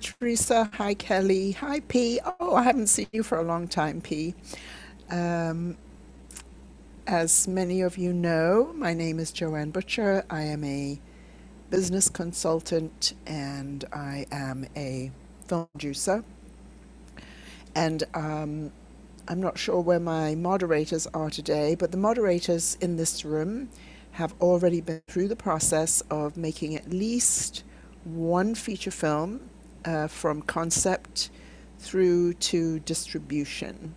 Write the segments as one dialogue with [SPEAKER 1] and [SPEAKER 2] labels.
[SPEAKER 1] Teresa. Hi, Kelly. Hi, P. Oh, I haven't seen you for a long time, P. Um, as many of you know, my name is Joanne Butcher. I am a business consultant and I am a film producer. And um, I'm not sure where my moderators are today, but the moderators in this room have already been through the process of making at least one feature film uh, from concept through to distribution.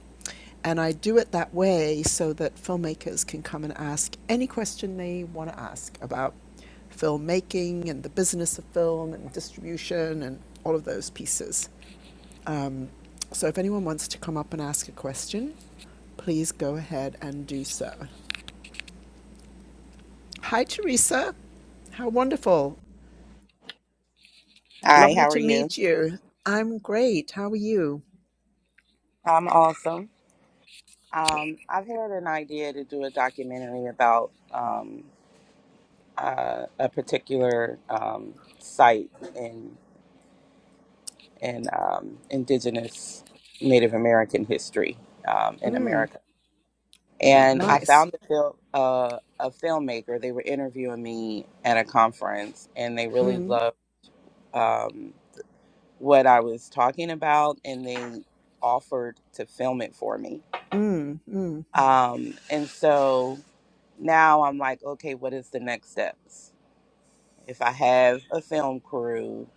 [SPEAKER 1] And I do it that way so that filmmakers can come and ask any question they want to ask about filmmaking and the business of film and distribution and all of those pieces. Um, so if anyone wants to come up and ask a question, please go ahead and do so. Hi, Teresa. How wonderful.
[SPEAKER 2] Hi,
[SPEAKER 1] Lovely
[SPEAKER 2] how are
[SPEAKER 1] to
[SPEAKER 2] you?
[SPEAKER 1] meet you. I'm great. How are you?
[SPEAKER 2] I'm awesome. Um, I've had an idea to do a documentary about um, uh, a particular um, site in in um, Indigenous Native American history um, in
[SPEAKER 1] Mm,
[SPEAKER 2] America, and I
[SPEAKER 1] nice.
[SPEAKER 2] found a, fil- uh, a filmmaker. They were interviewing me at a conference, and they really
[SPEAKER 1] Mm,
[SPEAKER 2] loved um, what I was talking about, and they offered to film it for me.
[SPEAKER 1] mm, mm.
[SPEAKER 2] Um, and so now I'm like, okay, what is the next steps? If I have a film crew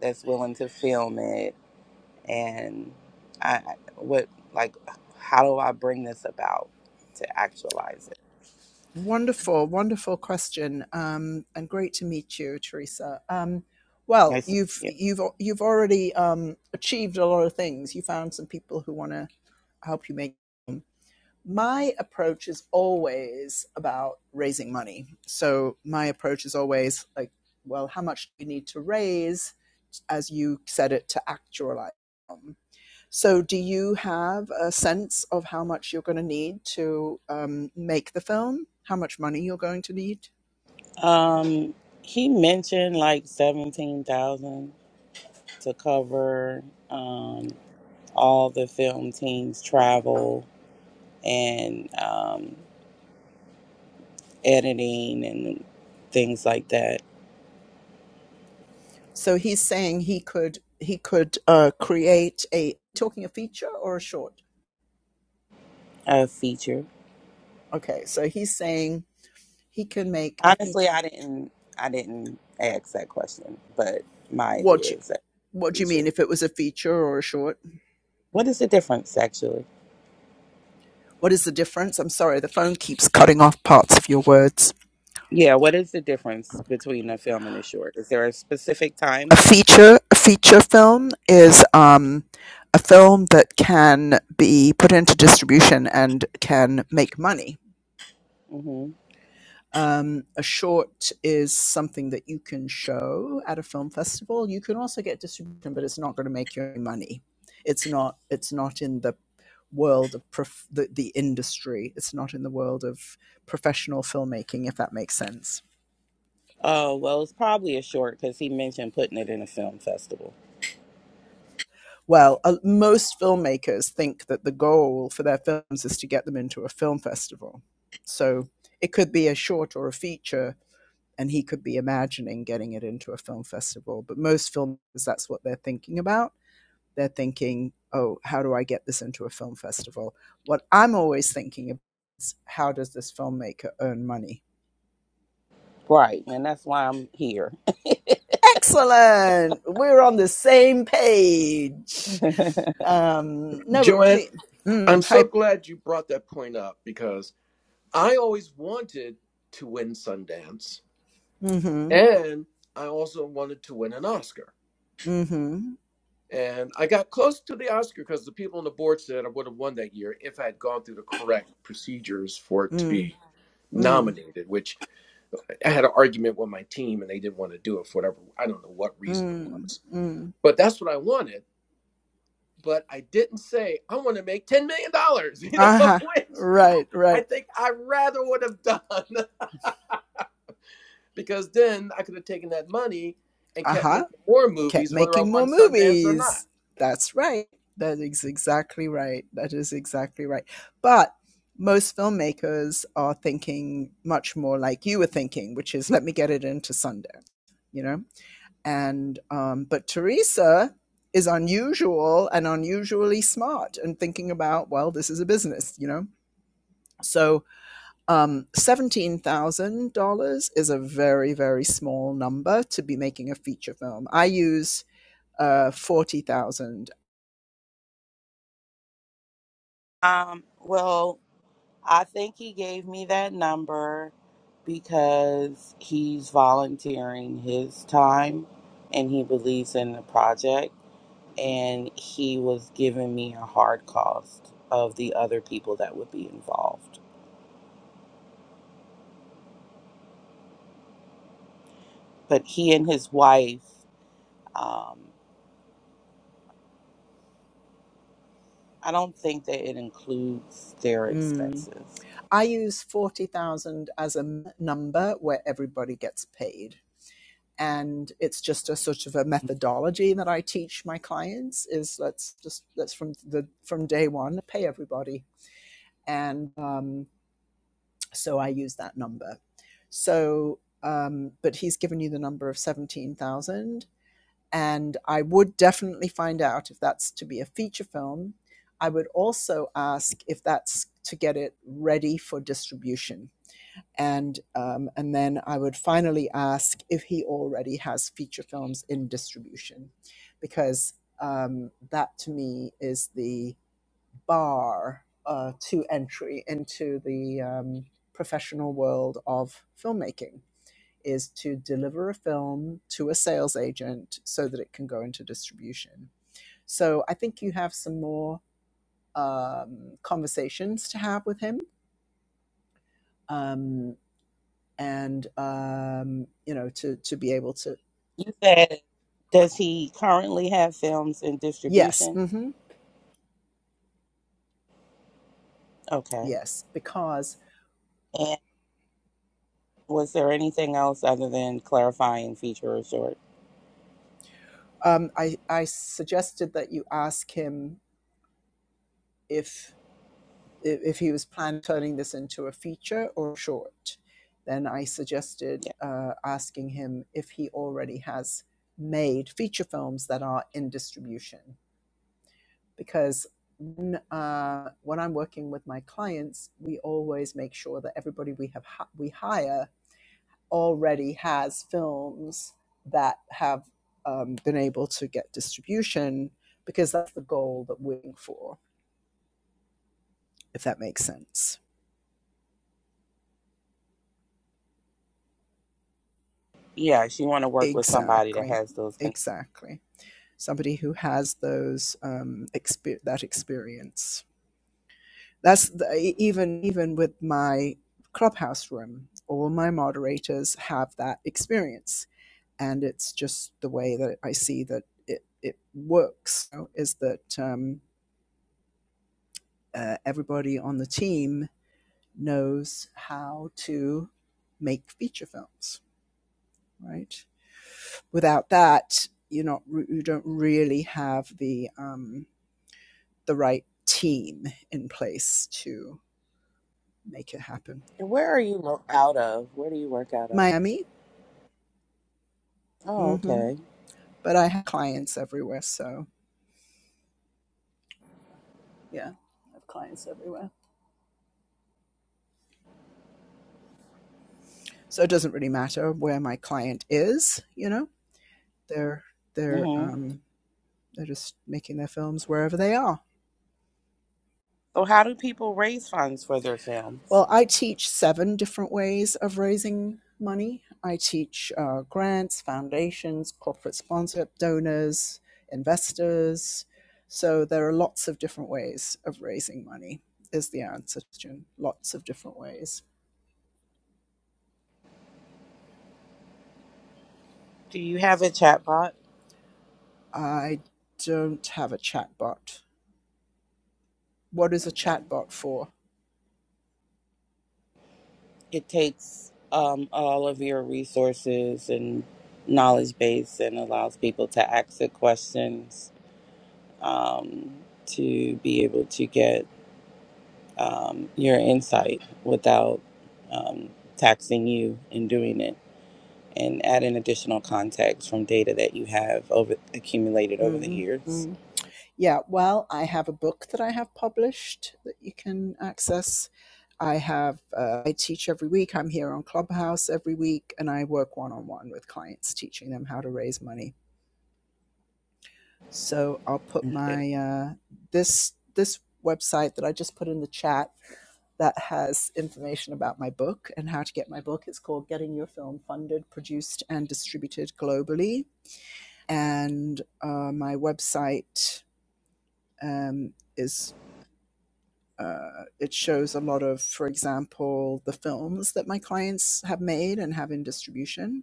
[SPEAKER 2] that's willing to film it, and I what like, how do I bring this about to actualize it?
[SPEAKER 1] Wonderful, wonderful question. Um, and great to meet you, Teresa. Um, well,
[SPEAKER 2] Nice to
[SPEAKER 1] you've
[SPEAKER 2] meet
[SPEAKER 1] you've you've already um, achieved a lot of things. You found some people who want to help you make. my approach is always about raising money. So my approach is always like, well, how much do you need to raise, as you said it, to actualize? So do you have a sense of how much you're going to need to um, make the film? How much money you're going to need?
[SPEAKER 2] you. Um, he mentioned like seventeen thousand to cover um, all the film team's travel and um, editing and things like that.
[SPEAKER 1] So he's saying he could he could uh, create a talking a feature or a short.
[SPEAKER 2] A feature.
[SPEAKER 1] Okay, so he's saying he can make a
[SPEAKER 2] Honestly,
[SPEAKER 1] feature.
[SPEAKER 2] I didn't. I didn't ask that question, but my
[SPEAKER 1] What
[SPEAKER 2] idea
[SPEAKER 1] do,
[SPEAKER 2] is that
[SPEAKER 1] What do you mean
[SPEAKER 2] feature.
[SPEAKER 1] if it was a feature or a short?
[SPEAKER 2] What is the difference, actually?
[SPEAKER 1] What is the difference? I'm sorry, the phone keeps cutting off parts of your words.
[SPEAKER 2] Yeah, what is the difference between a film and a short? Is there a specific
[SPEAKER 1] A
[SPEAKER 2] time?
[SPEAKER 1] feature, a feature film is um, a film that can be put into distribution and can make money.
[SPEAKER 2] Mm-hmm.
[SPEAKER 1] Um, a short is something that you can show at a film festival. You can also get distribution, but it's not going to make you any money. It's not. It's not in the world of prof- the, the industry. It's not in the world of professional filmmaking, if that makes sense.
[SPEAKER 2] Oh well, it's probably a short because he mentioned putting it in a film festival,
[SPEAKER 1] Well, uh, most filmmakers think that the goal for their films is to get them into a film festival. So it could be a short or a feature and he could be imagining getting it into a film festival. But most filmmakers, that's what they're thinking about. They're thinking, oh, how do I get this into a film festival? What I'm always thinking about is how does this filmmaker earn money?
[SPEAKER 2] right? And that's why I'm here.
[SPEAKER 1] Excellent. We're on the same page. Um, no, but
[SPEAKER 3] Joanne,
[SPEAKER 1] really,
[SPEAKER 3] I'm
[SPEAKER 1] mm,
[SPEAKER 3] so
[SPEAKER 1] hype.
[SPEAKER 3] glad you brought that point up because I always wanted to win Sundance
[SPEAKER 1] Mm-hmm.
[SPEAKER 3] and I also wanted to win an Oscar.
[SPEAKER 1] Mm-hmm.
[SPEAKER 3] And I got close to the Oscar because the people on the board said I would have won that year if I had gone through the correct procedures for it to
[SPEAKER 1] Mm,
[SPEAKER 3] be
[SPEAKER 1] mm,
[SPEAKER 3] nominated, which I had an argument with my team and they didn't want to do it for whatever, I don't know what
[SPEAKER 1] mm,
[SPEAKER 3] reason it
[SPEAKER 1] mm.
[SPEAKER 3] was.
[SPEAKER 1] mm.
[SPEAKER 3] But that's what I wanted. But I didn't say, I want to make $10 million, dollars, you know,
[SPEAKER 1] Uh-huh.
[SPEAKER 3] which
[SPEAKER 1] Right,
[SPEAKER 3] I
[SPEAKER 1] right.
[SPEAKER 3] think I rather would have done because then I could have taken that money and kept
[SPEAKER 1] Uh-huh.
[SPEAKER 3] making more
[SPEAKER 1] kept
[SPEAKER 3] movies, whether I
[SPEAKER 1] making
[SPEAKER 3] won
[SPEAKER 1] more
[SPEAKER 3] Sundance or not.
[SPEAKER 1] movies. That's right. That is exactly right. That is exactly right. But most filmmakers are thinking much more like you were thinking, which is let me get it into Sunday, you know? And, um, but Teresa is unusual and unusually smart and thinking about, well, this is a business, you know? So um, $17,000 is a very, very small number to be making a feature film. I use uh, 40,000.
[SPEAKER 2] Um, well, I think he gave me that number because he's volunteering his time and he believes in the project. and he was giving me a hard cost of the other people that would be involved. But he and his wife, um, I don't think that it includes their
[SPEAKER 1] Mm.
[SPEAKER 2] expenses.
[SPEAKER 1] I use 40,000 as a number where everybody gets paid. And it's just a sort of a methodology that I teach my clients is let's just, let's from the, from day one, pay everybody. And um, so I use that number. So, um, but he's given you the number of 17,000. and I would definitely find out if that's to be a feature film. I would also ask if that's to get it ready for distribution, and um, and then I would finally ask if he already has feature films in distribution, because um, that to me is the bar uh, to entry into the um, professional world of filmmaking is to deliver a film to a sales agent so that it can go into distribution. So I think you have some more um, conversations to have with him, um, and um, you know to to be able to
[SPEAKER 2] You said, does he currently have films in
[SPEAKER 1] yes,
[SPEAKER 2] distribution?
[SPEAKER 1] hmm
[SPEAKER 2] Okay.
[SPEAKER 1] yes, because
[SPEAKER 2] And was there anything else other than clarifying feature or short?
[SPEAKER 1] um, I I suggested that you ask him if if, he was planning turning this into a feature or short. Then I suggested
[SPEAKER 2] Yeah.
[SPEAKER 1] uh, asking him if he already has made feature films that are in distribution. Because when, uh, when I'm working with my clients, we always make sure that everybody we have we hire already has films that have um, been able to get distribution, because that's the goal that we're aiming for. If that makes sense.
[SPEAKER 2] Yeah, she want to work with somebody that
[SPEAKER 1] Exactly,
[SPEAKER 2] has those connections.
[SPEAKER 1] exactly. Somebody who has those um, exper- that experience. That's the, e- even even with my clubhouse room. All my moderators have that experience, and it's just the way that I see that it it works. you know, is that um, uh, everybody on the team knows how to make feature films, right? without that, you're not you don't really have the um, the right team in place to make it happen.
[SPEAKER 2] Where are you lo- out of? Where do you work out of?
[SPEAKER 1] Miami,
[SPEAKER 2] Oh,
[SPEAKER 1] hmm
[SPEAKER 2] okay.
[SPEAKER 1] but I have clients everywhere, so yeah, I have clients everywhere. So it doesn't really matter where my client is. You know, they're they're
[SPEAKER 2] Mm-hmm.
[SPEAKER 1] um, they're just making their films wherever they are.
[SPEAKER 2] So, how do people raise funds for their films?
[SPEAKER 1] Well, I teach seven different ways of raising money. I teach uh, grants, foundations, corporate sponsorship, donors, investors. So there are lots of different ways of raising money, is the answer, June. Lots of different ways.
[SPEAKER 2] Do you have a chatbot?
[SPEAKER 1] I don't have a chatbot. What is a
[SPEAKER 2] Okay.
[SPEAKER 1] chatbot for?
[SPEAKER 2] It takes um, all of your resources and knowledge base and allows people to ask the questions um, to be able to get um, your insight without um, taxing you in doing it and add an additional context from data that you have over accumulated over the
[SPEAKER 1] mm
[SPEAKER 2] years.
[SPEAKER 1] mm. Yeah, well, I have a book that I have published that you can access. I have, uh, I teach every week. I'm here on Clubhouse every week, and I work one on one with clients, teaching them how to raise money. So I'll put my uh, this this website that I just put in the chat that has information about my book and how to get my book. It's called Getting Your Film Funded, Produced, and Distributed Globally. And uh, my website um, is. Uh, it shows a lot of, for example, the films that my clients have made and have in distribution,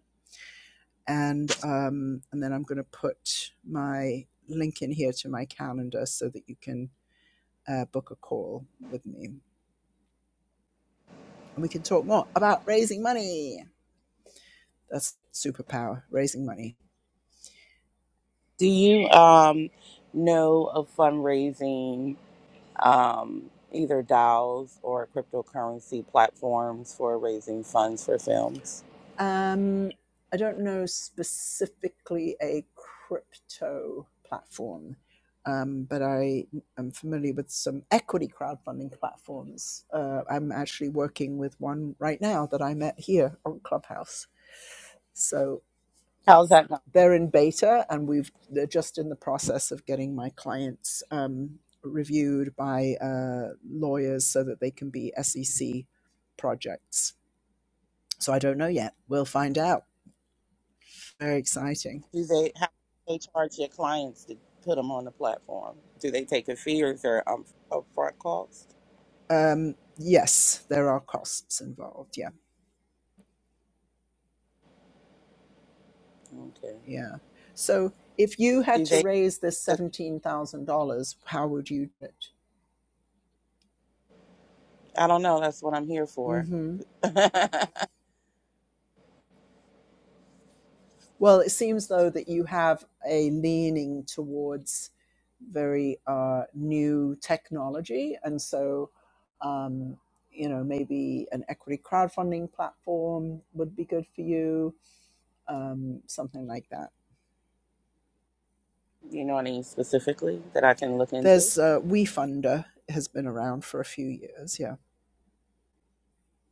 [SPEAKER 1] and um, and then I'm going to put my link in here to my calendar so that you can uh, book a call with me and we can talk more about raising money. That's superpower, raising money.
[SPEAKER 2] Do you um, know of fundraising, um, either DAOs or cryptocurrency platforms for raising funds for films?
[SPEAKER 1] Um, I don't know specifically a crypto platform, um, but I am familiar with some equity crowdfunding platforms. Uh, I'm actually working with one right now that I met here on Clubhouse. So
[SPEAKER 2] How's that going?
[SPEAKER 1] they're in beta and we've they're just in the process of getting my clients um, reviewed by uh, lawyers so that they can be SEC projects. So I don't know yet. We'll find out. Very exciting.
[SPEAKER 2] Do they how do they charge your clients to put them on the platform? Do they take a fee or is there um, upfront cost?
[SPEAKER 1] Um, yes, there are costs involved. Yeah,
[SPEAKER 2] Okay.
[SPEAKER 1] yeah. So if you had
[SPEAKER 2] Do
[SPEAKER 1] to
[SPEAKER 2] they?
[SPEAKER 1] raise this seventeen thousand dollars, how would you do it?
[SPEAKER 2] I don't know. That's what I'm here for.
[SPEAKER 1] Mm-hmm. Well, it seems though that you have a leaning towards very uh, new technology, and so um, you know maybe an equity crowdfunding platform would be good for you, um, something like that.
[SPEAKER 2] Do you know any specifically that I can look into?
[SPEAKER 1] There's uh, WeFunder has been around for a few years, yeah.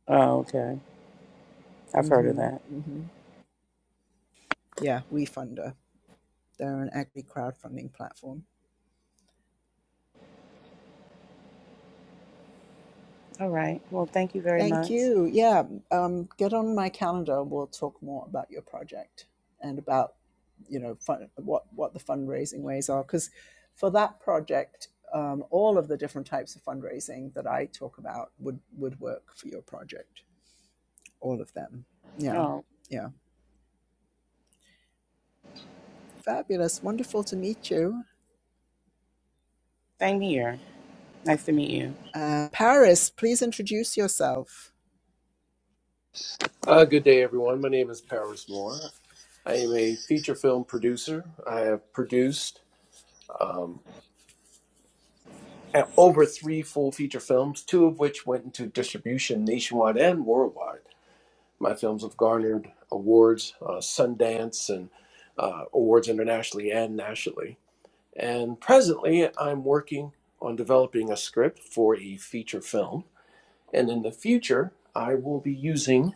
[SPEAKER 2] Oh, okay. I've heard of
[SPEAKER 1] hmm
[SPEAKER 2] that.
[SPEAKER 1] hmm Yeah, WeFunder. They're an equity crowdfunding platform.
[SPEAKER 2] All right. Well, thank you very
[SPEAKER 1] Thank
[SPEAKER 2] much.
[SPEAKER 1] you. Yeah, um, get on my calendar. We'll talk more about your project and about you know fun, what what the fundraising ways are because for that project, um, all of the different types of fundraising that I talk about would would work for your project. All of them. Yeah,
[SPEAKER 2] Oh.
[SPEAKER 1] yeah. Fabulous. Wonderful to meet you,
[SPEAKER 2] Same here. Nice to meet you.
[SPEAKER 1] uh, Paris. Please introduce yourself.
[SPEAKER 3] Uh, good day, everyone. My name is Paris Moore. I am a feature film producer. I have produced um, over three full feature films, two of which went into distribution nationwide and worldwide. My films have garnered awards, uh, Sundance, and uh, awards internationally and nationally. And presently, I'm working on developing a script for a feature film. And in the future, I will be using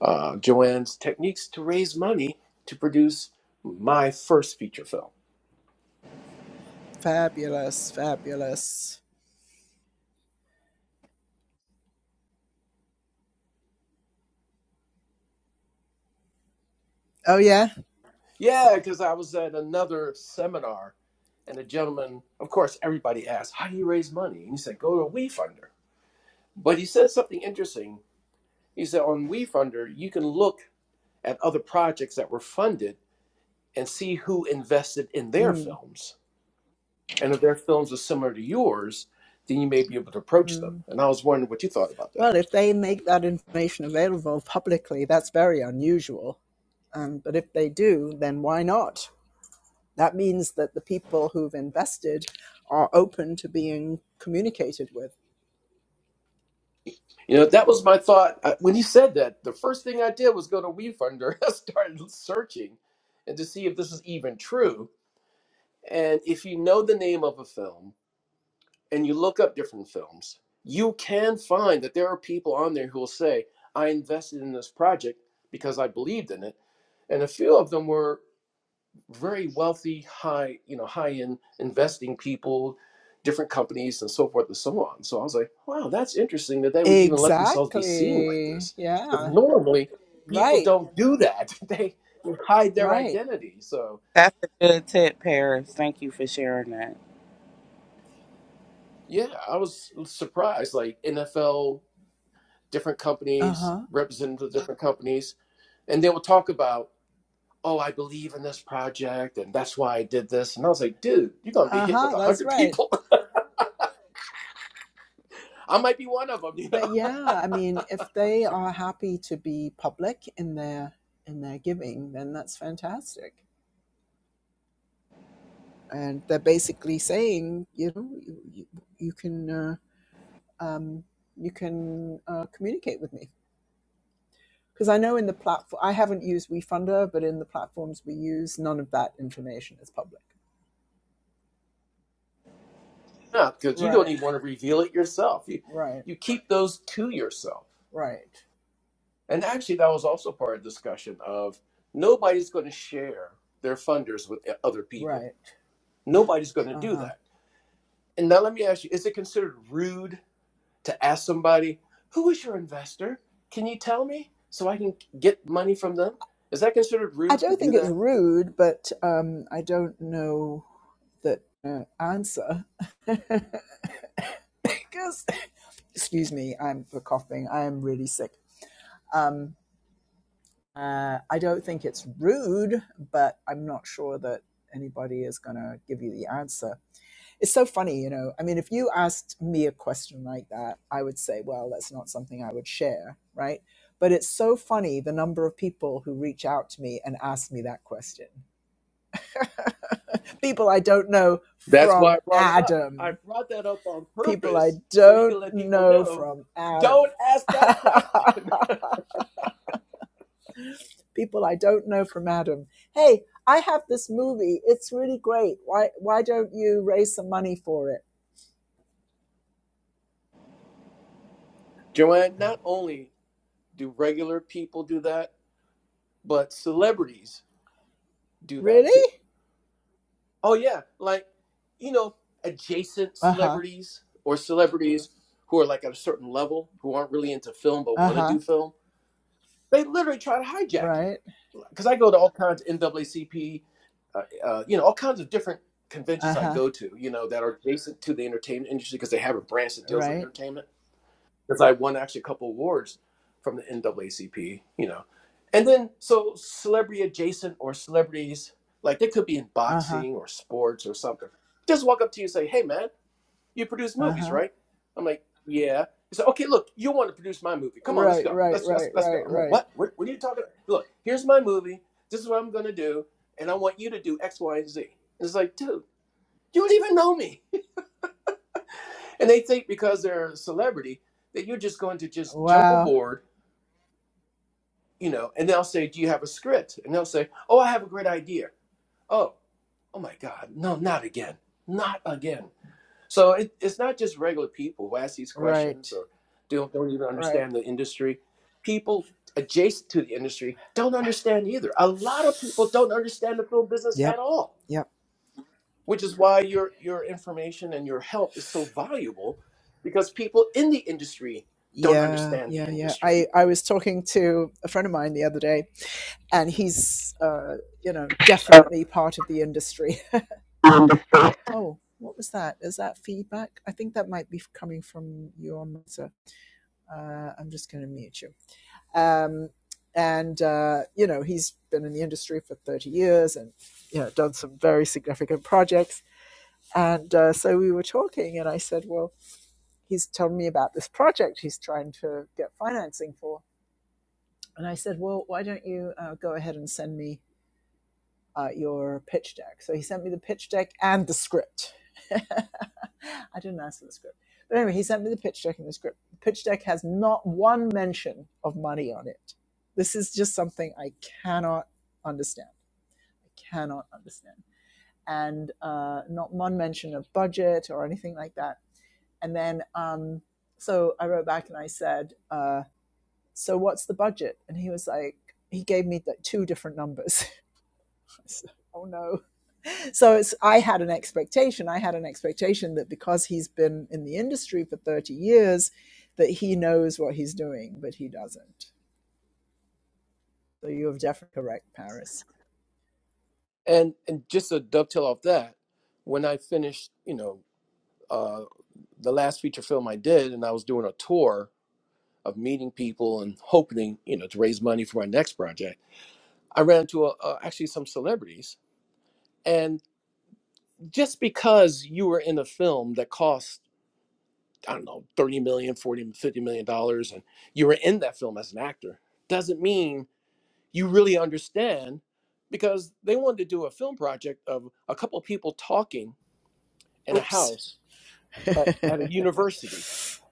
[SPEAKER 3] uh, Joanne's techniques to raise money to produce my first feature film.
[SPEAKER 1] Fabulous. Fabulous. Oh yeah.
[SPEAKER 3] Yeah, because I was at another seminar, and a gentleman, of course, everybody asked, How do you raise money? And he said, Go to WeFunder. But he said something interesting. He said, On WeFunder, you can look at other projects that were funded and see who invested in their
[SPEAKER 1] Mm,
[SPEAKER 3] films And if their films are similar to yours, then you may be able to approach
[SPEAKER 1] mm.
[SPEAKER 3] them. And I was wondering what you thought about that.
[SPEAKER 1] Well, if they make that information available publicly, that's very unusual. Um, but if they do, then why not? That means that the people who've invested are open to being communicated with.
[SPEAKER 3] You know, that was my thought. I, when he said that, the first thing I did was go to WeFunder. I started searching and to see if this is even true. And if you know the name of a film and you look up different films, you can find that there are people on there who will say, I invested in this project because I believed in it. And a few of them were very wealthy, high, you know, high-end investing people, different companies and so forth and so on. So I was like, wow, that's interesting that they would even let themselves be seen like
[SPEAKER 1] Exactly.
[SPEAKER 3] this. Because
[SPEAKER 1] Yeah.
[SPEAKER 3] normally people
[SPEAKER 1] Right.
[SPEAKER 3] don't do that. they hide their
[SPEAKER 1] Right.
[SPEAKER 3] identity. So
[SPEAKER 2] That's a good tip, Paris. Thank you for sharing that.
[SPEAKER 3] yeah, I was surprised. Like NFL, different
[SPEAKER 1] Uh
[SPEAKER 3] companies,
[SPEAKER 1] huh.
[SPEAKER 3] representatives of different companies, and they will talk about, oh, I believe in this project and that's why I did this. And I was like, dude, you're gonna be
[SPEAKER 1] Uh
[SPEAKER 3] hit with
[SPEAKER 1] huh.
[SPEAKER 3] a
[SPEAKER 1] That's
[SPEAKER 3] hundred
[SPEAKER 1] right.
[SPEAKER 3] people. I might be one of them, you know.
[SPEAKER 1] But yeah, I mean, if they are happy to be public in their in their giving, then that's fantastic. and they're basically saying, you know, you, you, you can uh, um, you can uh, communicate with me because I know in the platform I haven't used WeFunder, but in the platforms we use, none of that information is public.
[SPEAKER 3] up because you don't
[SPEAKER 1] Right,
[SPEAKER 3] even want to reveal it yourself. You
[SPEAKER 1] right,
[SPEAKER 3] you keep those to yourself.
[SPEAKER 1] right,
[SPEAKER 3] And actually, that was also part of the discussion of nobody's going to share their funders with eh, other people.
[SPEAKER 1] right.
[SPEAKER 3] Nobody's going to
[SPEAKER 1] Uh
[SPEAKER 3] do
[SPEAKER 1] huh.
[SPEAKER 3] that. And now let me ask you: Is it considered rude to ask somebody who is your investor? Can you tell me so I can get money from them? Is that considered
[SPEAKER 1] I
[SPEAKER 3] rude to
[SPEAKER 1] don't
[SPEAKER 3] do
[SPEAKER 1] think it's
[SPEAKER 3] that?
[SPEAKER 1] rude, but um, I don't know that uh, answer because excuse me, I'm for coughing. I am really sick. Um, Uh, I don't think it's rude, but I'm not sure that anybody is going to give you the answer. It's so funny, you know. I mean, if you asked me a question like that, I would say, well, that's not something I would share, right? But it's so funny the number of people who reach out to me and ask me that question. People I don't know
[SPEAKER 3] That's why
[SPEAKER 1] from
[SPEAKER 3] I brought it up. I
[SPEAKER 1] Adam.
[SPEAKER 3] brought that up on
[SPEAKER 1] People I
[SPEAKER 3] purpose so you
[SPEAKER 1] don't
[SPEAKER 3] can let people
[SPEAKER 1] know
[SPEAKER 3] know.
[SPEAKER 1] from Adam.
[SPEAKER 3] Don't ask that question.
[SPEAKER 1] people I don't know from Adam. Hey, I have this movie. It's really great. Why why don't you raise some money for it?
[SPEAKER 3] Joanne, not only do regular people do that, but celebrities do that too.
[SPEAKER 1] Really?
[SPEAKER 3] Oh, yeah. Like, you know, adjacent
[SPEAKER 1] Uh-huh.
[SPEAKER 3] celebrities or celebrities who are like at a certain level, who aren't really into film but want to
[SPEAKER 1] Uh-huh.
[SPEAKER 3] do film, they literally try to hijack you.
[SPEAKER 1] Right.
[SPEAKER 3] Because I go to all kinds of NAACP, uh, uh, you know, all kinds of different conventions I
[SPEAKER 1] Uh-huh.
[SPEAKER 3] go to, you know, that are adjacent to the entertainment industry because they have a branch that deals with
[SPEAKER 1] Right.
[SPEAKER 3] entertainment because I won actually a couple awards from the NAACP, you know. And then so celebrity adjacent or celebrities, like they could be in
[SPEAKER 1] Uh-huh.
[SPEAKER 3] boxing or sports or something. Just walk up to you and say, Hey man, you produce movies,
[SPEAKER 1] Uh-huh.
[SPEAKER 3] right? I'm like, Yeah. He said, Okay, look, you want to produce my movie. Come on, let's
[SPEAKER 1] Right,
[SPEAKER 3] go.
[SPEAKER 1] right,
[SPEAKER 3] Let's let's
[SPEAKER 1] right,
[SPEAKER 3] let's go.
[SPEAKER 1] right,
[SPEAKER 3] I'm like,
[SPEAKER 1] right.
[SPEAKER 3] What? What, what are you talking about? Look, here's my movie. This is what I'm gonna do, and I want you to do X, Y, and Z. And it's like, dude, you don't even know me. and they think because they're a celebrity that you're just going to just jump
[SPEAKER 1] Wow.
[SPEAKER 3] aboard you know, and they'll say, "Do you have a script?" And they'll say, "Oh, I have a great idea." Oh, oh my God, no, not again, not again. So it, it's not just regular people who ask these questions
[SPEAKER 1] Right.
[SPEAKER 3] or don't don't even
[SPEAKER 1] Right.
[SPEAKER 3] understand the industry. People adjacent to the industry don't understand either. A lot of people don't understand the film business at
[SPEAKER 1] Yep.
[SPEAKER 3] all,
[SPEAKER 1] Yep.
[SPEAKER 3] which is why your your information and your help is so valuable, because people in the industry don't
[SPEAKER 1] Yeah,
[SPEAKER 3] understand the
[SPEAKER 1] yeah, yeah.
[SPEAKER 3] industry.
[SPEAKER 1] I I was talking to a friend of mine the other day and he's uh, you know, definitely part of the industry Oh, what was that? Is that feedback? I think that might be coming from your mother. Uh, I'm just going to mute you. Um, and uh, you know, he's been in the industry for 30 years, and you know, done some very significant projects. And uh, so we were talking, and I said, "Well, he's told me about this project he's trying to get financing for." And I said, "Well, why don't you uh, go ahead and send me uh, your pitch deck. So he sent me the pitch deck and the script. I didn't ask for the script. But anyway, he sent me the pitch deck and the script. The pitch deck has not one mention of money on it. This is just something I cannot understand. I cannot understand. And uh, not one mention of budget or anything like that. And then, um, so I wrote back and I said, uh, So what's the budget? And he was like, He gave me like two different numbers. I said, oh no so it's i had an expectation i had an expectation that because he's been in the industry for 30 years that he knows what he's doing but he doesn't so you have definitely correct paris
[SPEAKER 3] And and just to dovetail off that, when I finished, you know, uh, the last feature film I did, and I was doing a tour of meeting people and hoping, you know, to raise money for my next project, I ran into a, uh actually some celebrities. And just because you were in a film that cost, I don't know, thirty million, forty, fifty million dollars, and you were in that film as an actor, doesn't mean you really understand because they wanted to do a film project of a couple of people talking in a
[SPEAKER 1] oops
[SPEAKER 3] house at, at a university,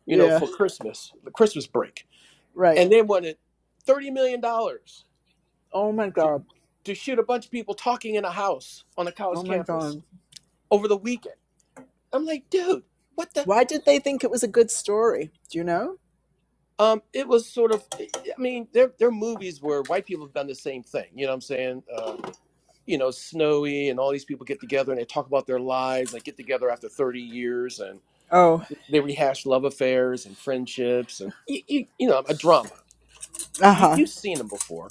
[SPEAKER 3] you know,
[SPEAKER 1] yeah
[SPEAKER 3] for Christmas, the Christmas break.
[SPEAKER 1] right
[SPEAKER 3] And they wanted $30 million dollars
[SPEAKER 1] oh my
[SPEAKER 3] to,
[SPEAKER 1] god
[SPEAKER 3] to shoot a bunch of people talking in a house on a
[SPEAKER 1] Oh
[SPEAKER 3] college
[SPEAKER 1] my
[SPEAKER 3] campus
[SPEAKER 1] God.
[SPEAKER 3] over the weekend. I'm like, dude, what the?
[SPEAKER 1] Why did they think it was a good story? Do you know?
[SPEAKER 3] Um, it was sort of, eh, eh, I mean, there, there are movies where white people have done the same thing. You know what I'm saying? Uh, you know, Snowy and all these people get together and they talk about their lives. They get together after 30 years and
[SPEAKER 1] Oh,
[SPEAKER 3] they rehash love affairs and friendships and, you, you, you know, a drama.
[SPEAKER 1] uh
[SPEAKER 3] You,
[SPEAKER 1] huh.
[SPEAKER 3] you've seen them before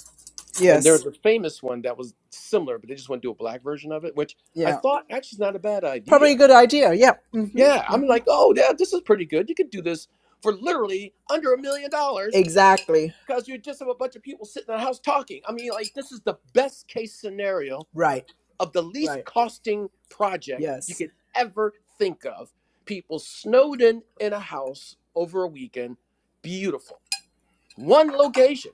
[SPEAKER 3] And there's
[SPEAKER 1] Yes.
[SPEAKER 3] a famous one that was similar, but they just want to do a black version of it, which I
[SPEAKER 1] Yeah.
[SPEAKER 3] thought actually is not a bad
[SPEAKER 1] Probably
[SPEAKER 3] idea.
[SPEAKER 1] a good idea. Yeah. hmm
[SPEAKER 3] Yeah, I'm
[SPEAKER 1] hmm
[SPEAKER 3] like, oh, yeah, this is pretty good. You could do this for literally under a million dollars
[SPEAKER 1] Exactly.
[SPEAKER 3] because you just have a bunch of people sitting in a house talking. I mean, like, this is the best case scenario
[SPEAKER 1] Right.
[SPEAKER 3] of the least
[SPEAKER 1] Right.
[SPEAKER 3] costing project you
[SPEAKER 1] Yes.
[SPEAKER 3] could ever think of. People snowed in in a house over a weekend. Beautiful one location.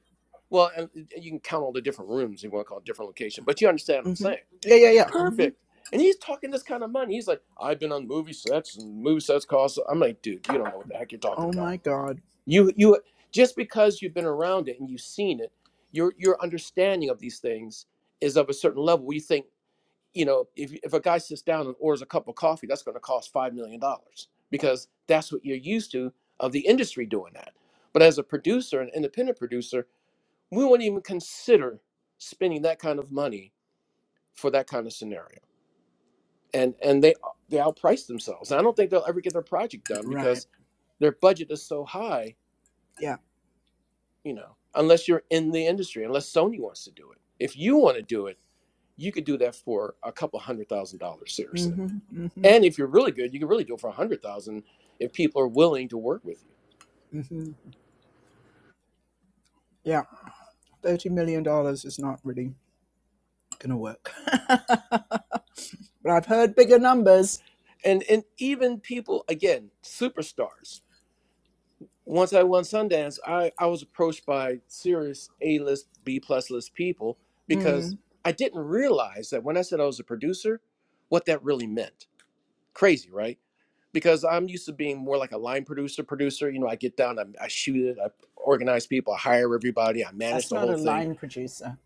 [SPEAKER 3] Well, and you can count all the different rooms you want to call it different location, but you understand what
[SPEAKER 1] hmm
[SPEAKER 3] I'm saying.
[SPEAKER 1] Yeah. Yeah. Yeah.
[SPEAKER 3] Perfect. And he's talking this kind of money. He's like, I've been on movie sets and movie sets cost. I'm like, dude, you don't know what the heck you're talking
[SPEAKER 1] Oh my
[SPEAKER 3] about.
[SPEAKER 1] God.
[SPEAKER 3] You you just because you've been around it and you've seen it, your your understanding of these things is of a certain level. We think, you know, if if a guy sits down and orders a cup of coffee, that's gonna cost five million dollars because that's what you're used to of the industry doing that. But as a producer, an independent producer, we wouldn't even consider spending that kind of money for that kind of scenario. And and they they outprice themselves. And I don't think they'll ever get their project done
[SPEAKER 1] Right.
[SPEAKER 3] because their budget is so high,
[SPEAKER 1] Yeah.
[SPEAKER 3] you know, unless you're in the industry, unless Sony wants to do it. If you want to do it, you could do that for a couple hundred thousand dollars, seriously.
[SPEAKER 1] hmm hmm
[SPEAKER 3] And if you're really good, you can really do it for a hundred thousand if people are willing to work with you.
[SPEAKER 1] hmm Yeah. Thirty million dollars is not really gonna work. But I've heard bigger numbers.
[SPEAKER 3] And and even people, again, superstars. once I won Sundance, I, I was approached by serious A list, B plus list people because
[SPEAKER 1] Mm.
[SPEAKER 3] I didn't realize that when I said I was a producer, what that really meant. Crazy, right? Because I'm used to being more like a line producer, producer. You know, I get down, I, I shoot it, I organize people, I hire everybody, I manage
[SPEAKER 1] That's
[SPEAKER 3] the
[SPEAKER 1] not
[SPEAKER 3] whole
[SPEAKER 1] a
[SPEAKER 3] thing.
[SPEAKER 1] line producer.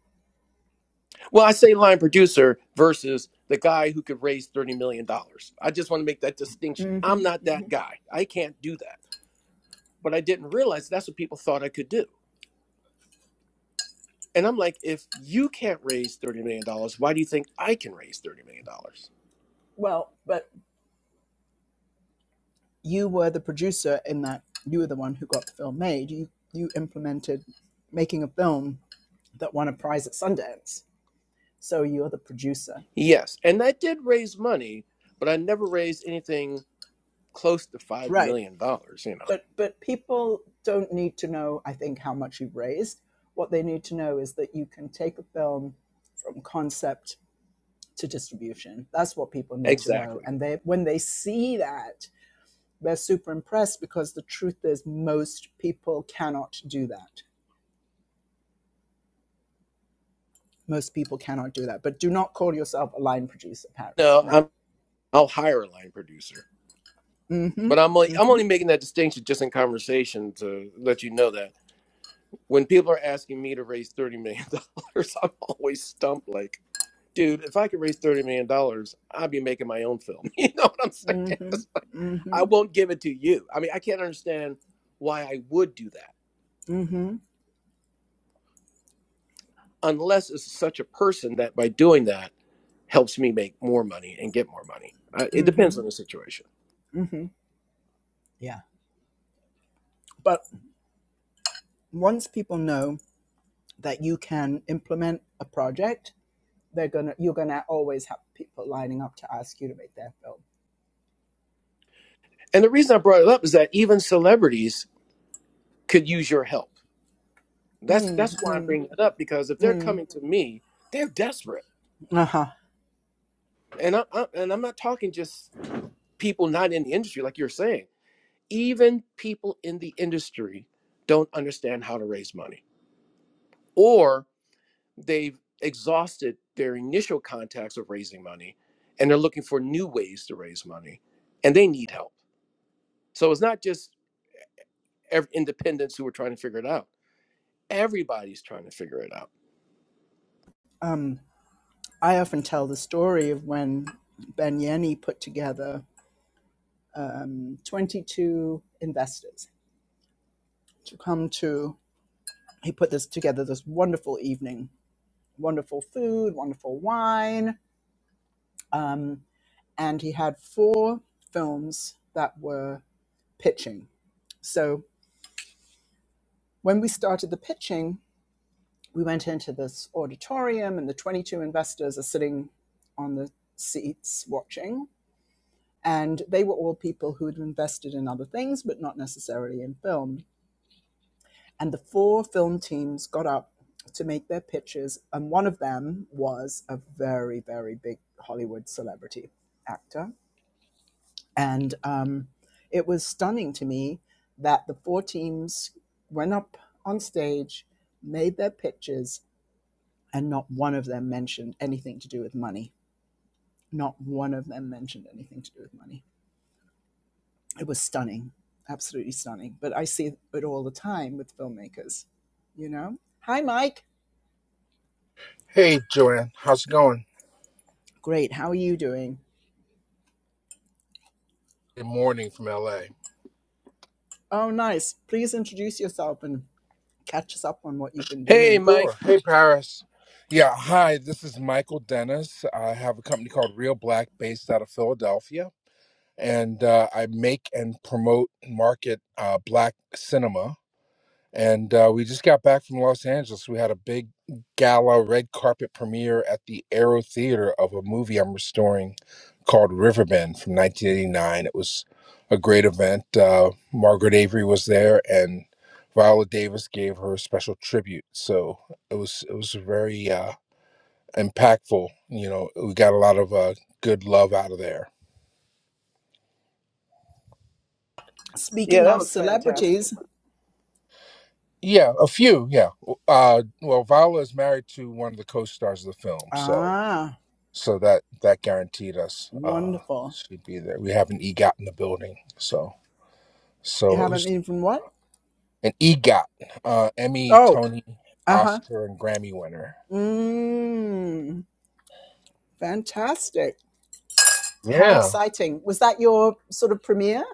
[SPEAKER 3] Well, I say line producer versus the guy who could raise $30 million. dollars. I just want to make that distinction.
[SPEAKER 1] hmm
[SPEAKER 3] I'm
[SPEAKER 1] hmm
[SPEAKER 3] not that guy. I can't do that. But I didn't realize that's what people thought I could do And I'm like, if you can't raise $30 million, dollars, why do you think I can raise $30 million? dollars?
[SPEAKER 1] Well, but you were the producer in that you were the one who got the film made. You you implemented making a film that won a prize at Sundance. So you're the producer.
[SPEAKER 3] Yes. And I did raise money, but I never raised anything close to $5
[SPEAKER 1] Right.
[SPEAKER 3] million, dollars, you know.
[SPEAKER 1] But but people don't need to know, I think, how much you raised. What they need to know is that you can take a film from concept to distribution. That's what people need to know.
[SPEAKER 3] Exactly.
[SPEAKER 1] And they when they see that, they're super impressed because the truth is most people cannot do that. Most people cannot do that. But do not call yourself a line producer, Paris.
[SPEAKER 3] No,
[SPEAKER 1] No.
[SPEAKER 3] I'm I'll hire a line producer.
[SPEAKER 1] Mm-hmm.
[SPEAKER 3] But I'm only I'm
[SPEAKER 1] Mm-hmm.
[SPEAKER 3] only making that distinction just in conversation to let you know that when people are asking me to raise $30 million, dollars, I'm always stumped like dude, if I could raise thirty million dollars, I'd be making my own film. You know what I'm saying?
[SPEAKER 1] Mm-hmm.
[SPEAKER 3] It's like, I
[SPEAKER 1] Mm-hmm.
[SPEAKER 3] won't give it to you. I mean, I can't understand why I would do that
[SPEAKER 1] Mm-hmm.
[SPEAKER 3] unless it's such a person that by doing that helps me make more money and get more money. Uh, it depends on the
[SPEAKER 1] Mm-hmm.
[SPEAKER 3] situation.
[SPEAKER 1] Mm-hmm. Yeah. But once people know that you can implement a project, they're gonna you're gonna always have people lining up to ask you to make their
[SPEAKER 3] And the reason I brought it up is that even celebrities could use your help. That's
[SPEAKER 1] film.
[SPEAKER 3] that's why I'm
[SPEAKER 1] Mm-hmm.
[SPEAKER 3] bringing that up because if they're coming to me, they're desperate,
[SPEAKER 1] Uh-huh.
[SPEAKER 3] and I, I and I'm not talking just people not in the industry like you're saying. even people in the industry don't understand how to raise money or they've exhausted their initial contacts of raising money and they're looking for new ways to raise money and they need help so it's not just ev- independents who are trying to figure it out everybody's trying to figure it out
[SPEAKER 1] Um, I often tell the story of when Ben Yenny put together um, 22 investors to come to he put this together this wonderful evening wonderful food wonderful wine um, and he had four films that were pitching so when we started the pitching we went into this auditorium and the 22 investors are sitting on the seats watching and they were all people who had invested in other things but not necessarily in film and the four film teams got up to make their pitches and one of them was a very very big hollywood celebrity actor and um, it was stunning to me that the four teams went up on stage made their pitches and not one of them mentioned anything to do with money not one of them mentioned anything to do with money it was stunning absolutely stunning but i see it all the time with filmmakers you know hi mike
[SPEAKER 4] Hey, Joanne. How's it going?
[SPEAKER 1] Great. How are you doing?
[SPEAKER 4] Good morning from LA.
[SPEAKER 1] Oh, nice. Please introduce yourself and catch us up on what you've been
[SPEAKER 3] hey
[SPEAKER 1] doing.
[SPEAKER 4] Sure.
[SPEAKER 3] mike
[SPEAKER 4] Hey, Paris. Yeah, hi. This is Michael Dennis. I have a company called Real Black based out of Philadelphia, and uh, I make and promote and market uh, Black cinema. And uh, we just got back from Los Angeles. We had a big gala red carpet premiere at the Aero Theater of a movie I'm restoring called Riverbend from 1989. It was a great event. Uh, Margaret Avery was there, and Viola Davis gave her a special tribute. So it was it was very uh, impactful. You know, we got a lot of uh, good love out of there.
[SPEAKER 3] yeah
[SPEAKER 1] Speaking
[SPEAKER 3] that
[SPEAKER 1] of
[SPEAKER 3] was fantastic
[SPEAKER 1] celebrities,
[SPEAKER 4] Yeah, a few. Yeah. Uh, well, Viola is married to one of the co-stars of the film, so.
[SPEAKER 1] ah,
[SPEAKER 4] so that that guaranteed us uh
[SPEAKER 1] wonderful.
[SPEAKER 4] she'd be there we have an egot in the building so
[SPEAKER 1] You
[SPEAKER 4] so it
[SPEAKER 1] haven't
[SPEAKER 4] was
[SPEAKER 1] been from what?
[SPEAKER 4] an egot uh emmy
[SPEAKER 1] Oh,
[SPEAKER 4] tony
[SPEAKER 1] uh huh.
[SPEAKER 4] oscar and grammy winner
[SPEAKER 1] Mmm, fantastic. How
[SPEAKER 4] yeah
[SPEAKER 1] exciting. Was that your sort of premiere?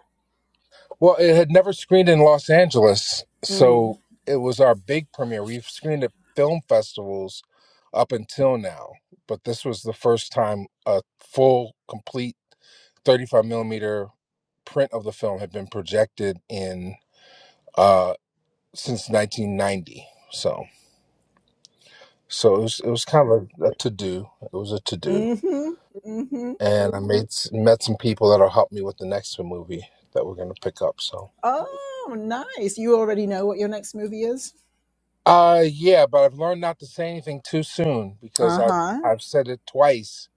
[SPEAKER 4] well it had never screened in los angeles
[SPEAKER 1] Mm
[SPEAKER 4] so it was our big premiere we've screened at film festivals up until now but this was the first time a full complete 35 millimeter print of the film had been projected in uh, since 1990. So so it was it was kind of a, a to do. It was a to
[SPEAKER 1] hmm.
[SPEAKER 4] do,
[SPEAKER 1] Mm hmm.
[SPEAKER 4] and I made s- met some people that'll help me with the next movie that we're gonna pick up. So
[SPEAKER 1] Oh, nice. You already know what your next movie is?
[SPEAKER 4] uh yeah, but I've learned not to say anything too soon because
[SPEAKER 1] Uh
[SPEAKER 4] I've
[SPEAKER 1] huh.
[SPEAKER 4] I've said it twice.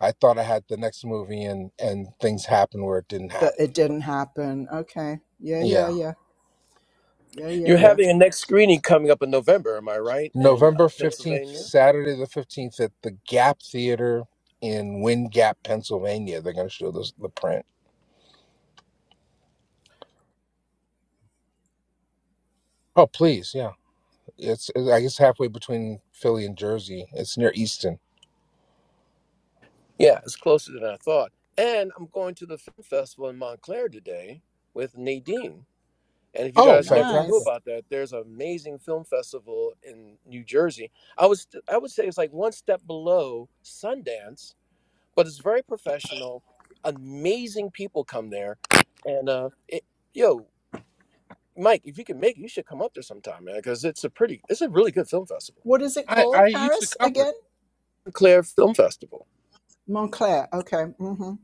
[SPEAKER 4] I thought I had the next movie and and things happened where it didn't
[SPEAKER 1] But it
[SPEAKER 4] happen.
[SPEAKER 1] didn't happen. Okay. Yeah, yeah,
[SPEAKER 4] Yeah.
[SPEAKER 1] yeah. Yeah, yeah,
[SPEAKER 3] You're
[SPEAKER 4] Yeah.
[SPEAKER 1] yeah.
[SPEAKER 3] having a next screening coming up in November, am I right? In uh,
[SPEAKER 4] November 15th,
[SPEAKER 3] Pennsylvania?
[SPEAKER 4] Saturday the 15th at the Gap Theater in Wind Gap, Pennsylvania. They're going to show this the print. Oh, please. Yeah. It's, it's I guess halfway between Philly and Jersey. It's near Easton.
[SPEAKER 3] Yeah, it's closer than I thought. And I'm going to the film festival in Montclair today with Nadine. And if you
[SPEAKER 4] Oh,
[SPEAKER 3] guys never knew
[SPEAKER 4] fantastic!
[SPEAKER 1] Nice.
[SPEAKER 3] about that, there's an amazing film festival in New Jersey. I was I would say it's like one step below Sundance, but it's very professional. Amazing people come there, and uh, it, yo, Mike, if you can make, it, you should come up there sometime, man, because it's a pretty, it's a really good film festival.
[SPEAKER 1] What is it
[SPEAKER 4] I, I
[SPEAKER 1] called?
[SPEAKER 4] used to
[SPEAKER 1] Paris
[SPEAKER 4] cover it.
[SPEAKER 1] again?
[SPEAKER 3] Montclair Film Festival.
[SPEAKER 1] Montclair. Okay.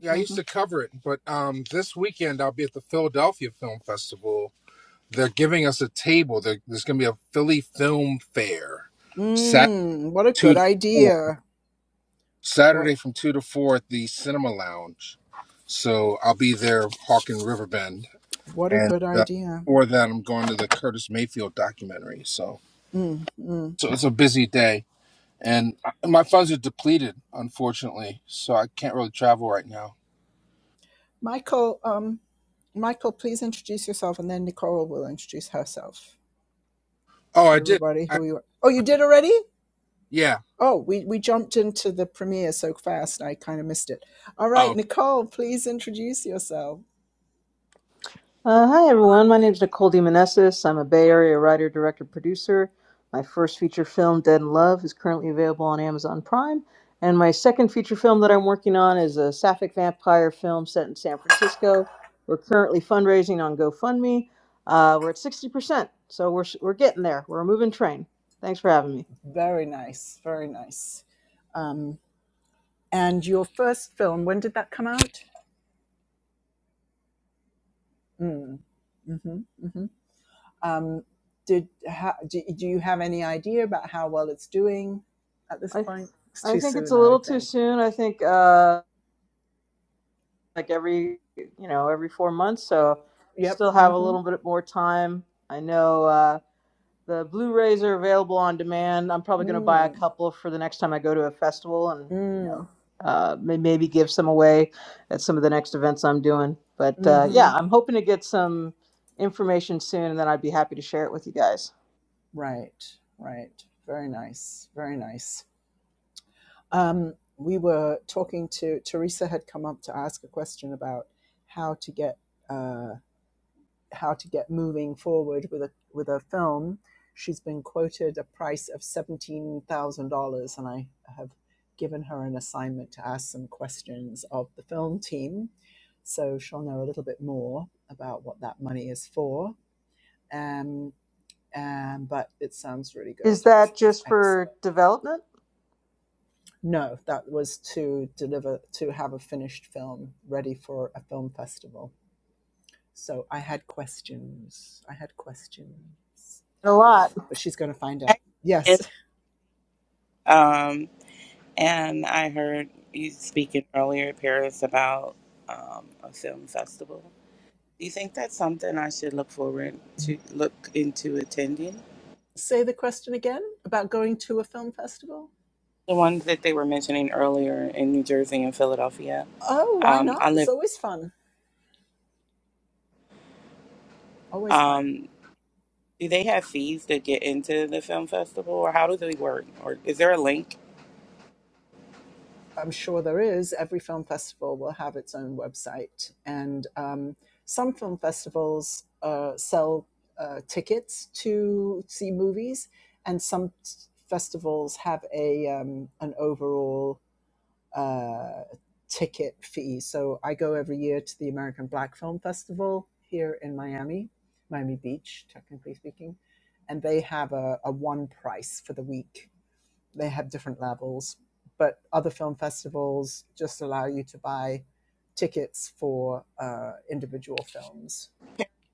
[SPEAKER 4] Yeah, I used
[SPEAKER 1] Mm-hmm.
[SPEAKER 4] to cover it. But um, this weekend, I'll be at the Philadelphia Film Festival. They're giving us a table. There there's going to be a Philly Film Fair, Saturday
[SPEAKER 1] Mm, what a
[SPEAKER 4] two
[SPEAKER 1] good
[SPEAKER 4] to four.
[SPEAKER 1] idea. What
[SPEAKER 4] Saturday from two to four at the Cinema Lounge. So I'll be there hawking Riverbend,
[SPEAKER 1] what a
[SPEAKER 4] and
[SPEAKER 1] good
[SPEAKER 4] uh,
[SPEAKER 1] idea.
[SPEAKER 4] before that, I'm going to the Curtis Mayfield documentary. So
[SPEAKER 1] Mm, mm.
[SPEAKER 4] so it's a busy day. and my funds are depleted, unfortunately, so I can't really travel right now.
[SPEAKER 1] Michael, um, Michael, please introduce yourself and then Nicole will introduce herself.
[SPEAKER 4] Oh, I
[SPEAKER 1] Tell
[SPEAKER 4] did.
[SPEAKER 1] everybody
[SPEAKER 4] I
[SPEAKER 1] who you are. Oh, you did already?
[SPEAKER 4] yeah.
[SPEAKER 1] Oh, we, we jumped into the premiere so fast I kind of missed it. All right,
[SPEAKER 4] Oh,
[SPEAKER 1] Nicole, please introduce yourself.
[SPEAKER 5] Uh, hi, everyone. My name is Nicole DeMonesis. I'm a Bay Area writer, director, producer. My first feature film, Dead in Love, is currently available on Amazon Prime. And my second feature film that I'm working on is a sapphic vampire film set in San Francisco. We're currently fundraising on GoFundMe. Uh, we're at 60%, so we're, we're getting there. We're a moving train. Thanks for having me.
[SPEAKER 1] Very nice, very nice. Um. And your first film, when did that come out? Mm. hmm hmm Um, did how, do, do you have any idea about how well it's doing at this
[SPEAKER 5] I,
[SPEAKER 1] point? It's
[SPEAKER 5] I
[SPEAKER 1] too
[SPEAKER 5] think it's a
[SPEAKER 1] soon, I
[SPEAKER 5] little
[SPEAKER 1] would
[SPEAKER 5] too
[SPEAKER 1] think.
[SPEAKER 5] soon. I think. Uh, like every you know every four months so
[SPEAKER 1] Yep.
[SPEAKER 5] still have a
[SPEAKER 1] Mm-hmm.
[SPEAKER 5] little bit more time i know uh, the blu-rays are available on demand i'm probably going to buy a
[SPEAKER 1] Mm.
[SPEAKER 5] couple for the next time i go to a festival and you know
[SPEAKER 1] Mm.
[SPEAKER 5] uh, may- maybe give some away at some of the next events i'm doing but uh,
[SPEAKER 1] Mm-hmm.
[SPEAKER 5] yeah i'm hoping to get some information soon and then i'd be happy to share it with you guys
[SPEAKER 1] Right. Right. Very nice. Very nice. Um, we were talking to Teresa had come up to ask a question about how to get. uh, how to get moving forward with a with a film. She's been quoted a price of seventeen thousand dollars, and I have given her an assignment to ask some questions of the film team, so she'll know a little bit more about what that money is for. Um, um, but it sounds really
[SPEAKER 5] is
[SPEAKER 1] good. It
[SPEAKER 5] that
[SPEAKER 1] sounds
[SPEAKER 5] just for
[SPEAKER 1] excellent.
[SPEAKER 5] development
[SPEAKER 1] No, that was to deliver to have a finished film ready for a film festival. So I had questions. I had questions.
[SPEAKER 5] a lot
[SPEAKER 1] but she's going to find out.
[SPEAKER 2] Actually,
[SPEAKER 1] Yes.
[SPEAKER 2] it- um, and I heard you speaking earlier, Paris, about um, a film festival. Do you think that's something I should look forward to, look into attending?
[SPEAKER 1] Say the question again about going to a film festival.
[SPEAKER 2] The ones that they were mentioning earlier in New Jersey and Philadelphia.
[SPEAKER 1] Oh, why
[SPEAKER 2] Um, I
[SPEAKER 1] not? It's
[SPEAKER 2] live.
[SPEAKER 1] always fun. Always fun.
[SPEAKER 2] Um, do they have fees to get into the film festival, or how do they work? Or is there a link
[SPEAKER 1] I'm sure there is. Every film festival will have its own website. And um, some film festivals uh, sell uh, tickets to see movies, and some festivals have a um, an overall uh, ticket fee. So I go every year to the American Black Film Festival here in Miami, Miami Beach, technically speaking, and they have a, a one price for the week. They have different levels, but other film festivals just allow you to buy tickets for uh, individual films,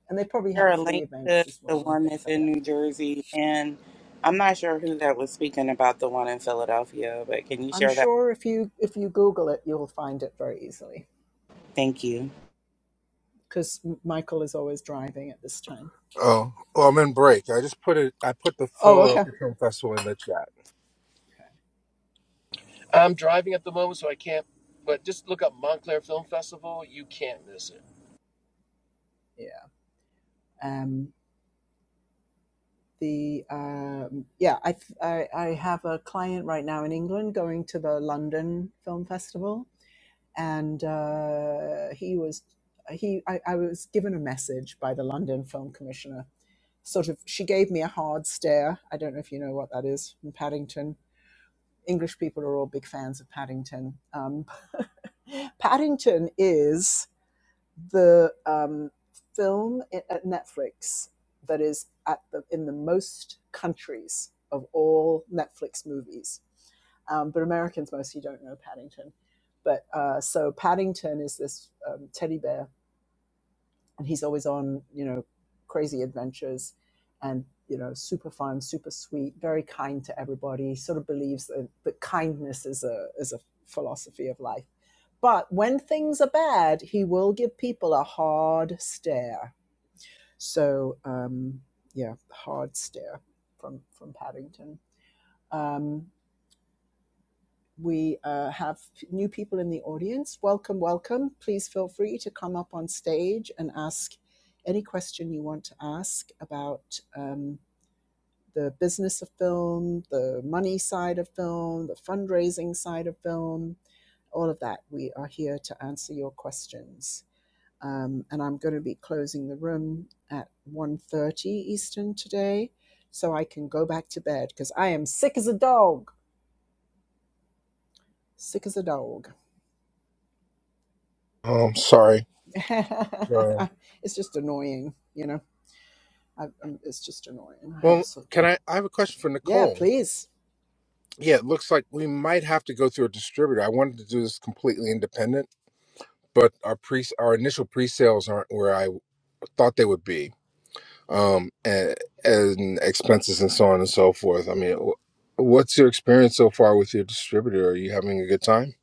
[SPEAKER 1] and they probably have
[SPEAKER 2] share a
[SPEAKER 1] free
[SPEAKER 2] link to
[SPEAKER 1] events as
[SPEAKER 2] the
[SPEAKER 1] well and
[SPEAKER 2] one
[SPEAKER 1] things
[SPEAKER 2] that's
[SPEAKER 1] like
[SPEAKER 2] in
[SPEAKER 1] that.
[SPEAKER 2] New Jersey, and I'm not sure who that was speaking about the one in Philadelphia, but can you
[SPEAKER 1] I'm
[SPEAKER 2] share that?
[SPEAKER 1] sure if you if you Google it, you'll find it very easily
[SPEAKER 2] Thank you.
[SPEAKER 1] because Michael is always driving at this time.
[SPEAKER 4] oh. Well, I'm in break. I just put it. I put the
[SPEAKER 1] Oh, okay.
[SPEAKER 4] Philadelphia Film Festival in the chat.
[SPEAKER 3] I'm driving at the moment, so I can't. But just look up Montclair Film Festival. You can't miss it.
[SPEAKER 1] yeah um the um yeah I, I i have a client right now in england going to the london film festival and uh he was he I, I was given a message by the london film commissioner sort of she gave me a hard stare i don't know if you know what that is from paddington english people are all big fans of paddington um Paddington is the um, film i- at Netflix that is at the, in the most countries of all Netflix movies. Um, but Americans mostly don't know Paddington. But uh, so Paddington is this um, teddy bear and he's always on you know crazy adventures and you know super fun super sweet very kind to everybody sort of believes that, that kindness is a is a philosophy of life but when things are bad he will give people a hard stare so um yeah hard stare from from paddington um we uh, have new people in the audience. Welcome, welcome. Please feel free to come up on stage and ask any question you want to ask about um, the business of film, the money side of film, the fundraising side of film, all of that. We are here to answer your questions. Um, and I'm going to be closing the room at one thirty Eastern today so I can go back to bed because I am sick as a dog. Sick as a dog.
[SPEAKER 4] Oh, I'm sorry. Uh,
[SPEAKER 1] it's just annoying, you know. I, um it's just annoying. I have a
[SPEAKER 4] well,
[SPEAKER 1] sort of,
[SPEAKER 4] can I? I have a question for
[SPEAKER 1] yeah,
[SPEAKER 4] Nicole.
[SPEAKER 1] please.
[SPEAKER 4] Yeah, it looks like we might have to go through a distributor. I wanted to do this completely independent, but our pre our initial pre sales aren't where I thought they would be um, and, and expenses and so on and so forth. I mean, wh- what's your experience so far with your distributor? Are you having a good time?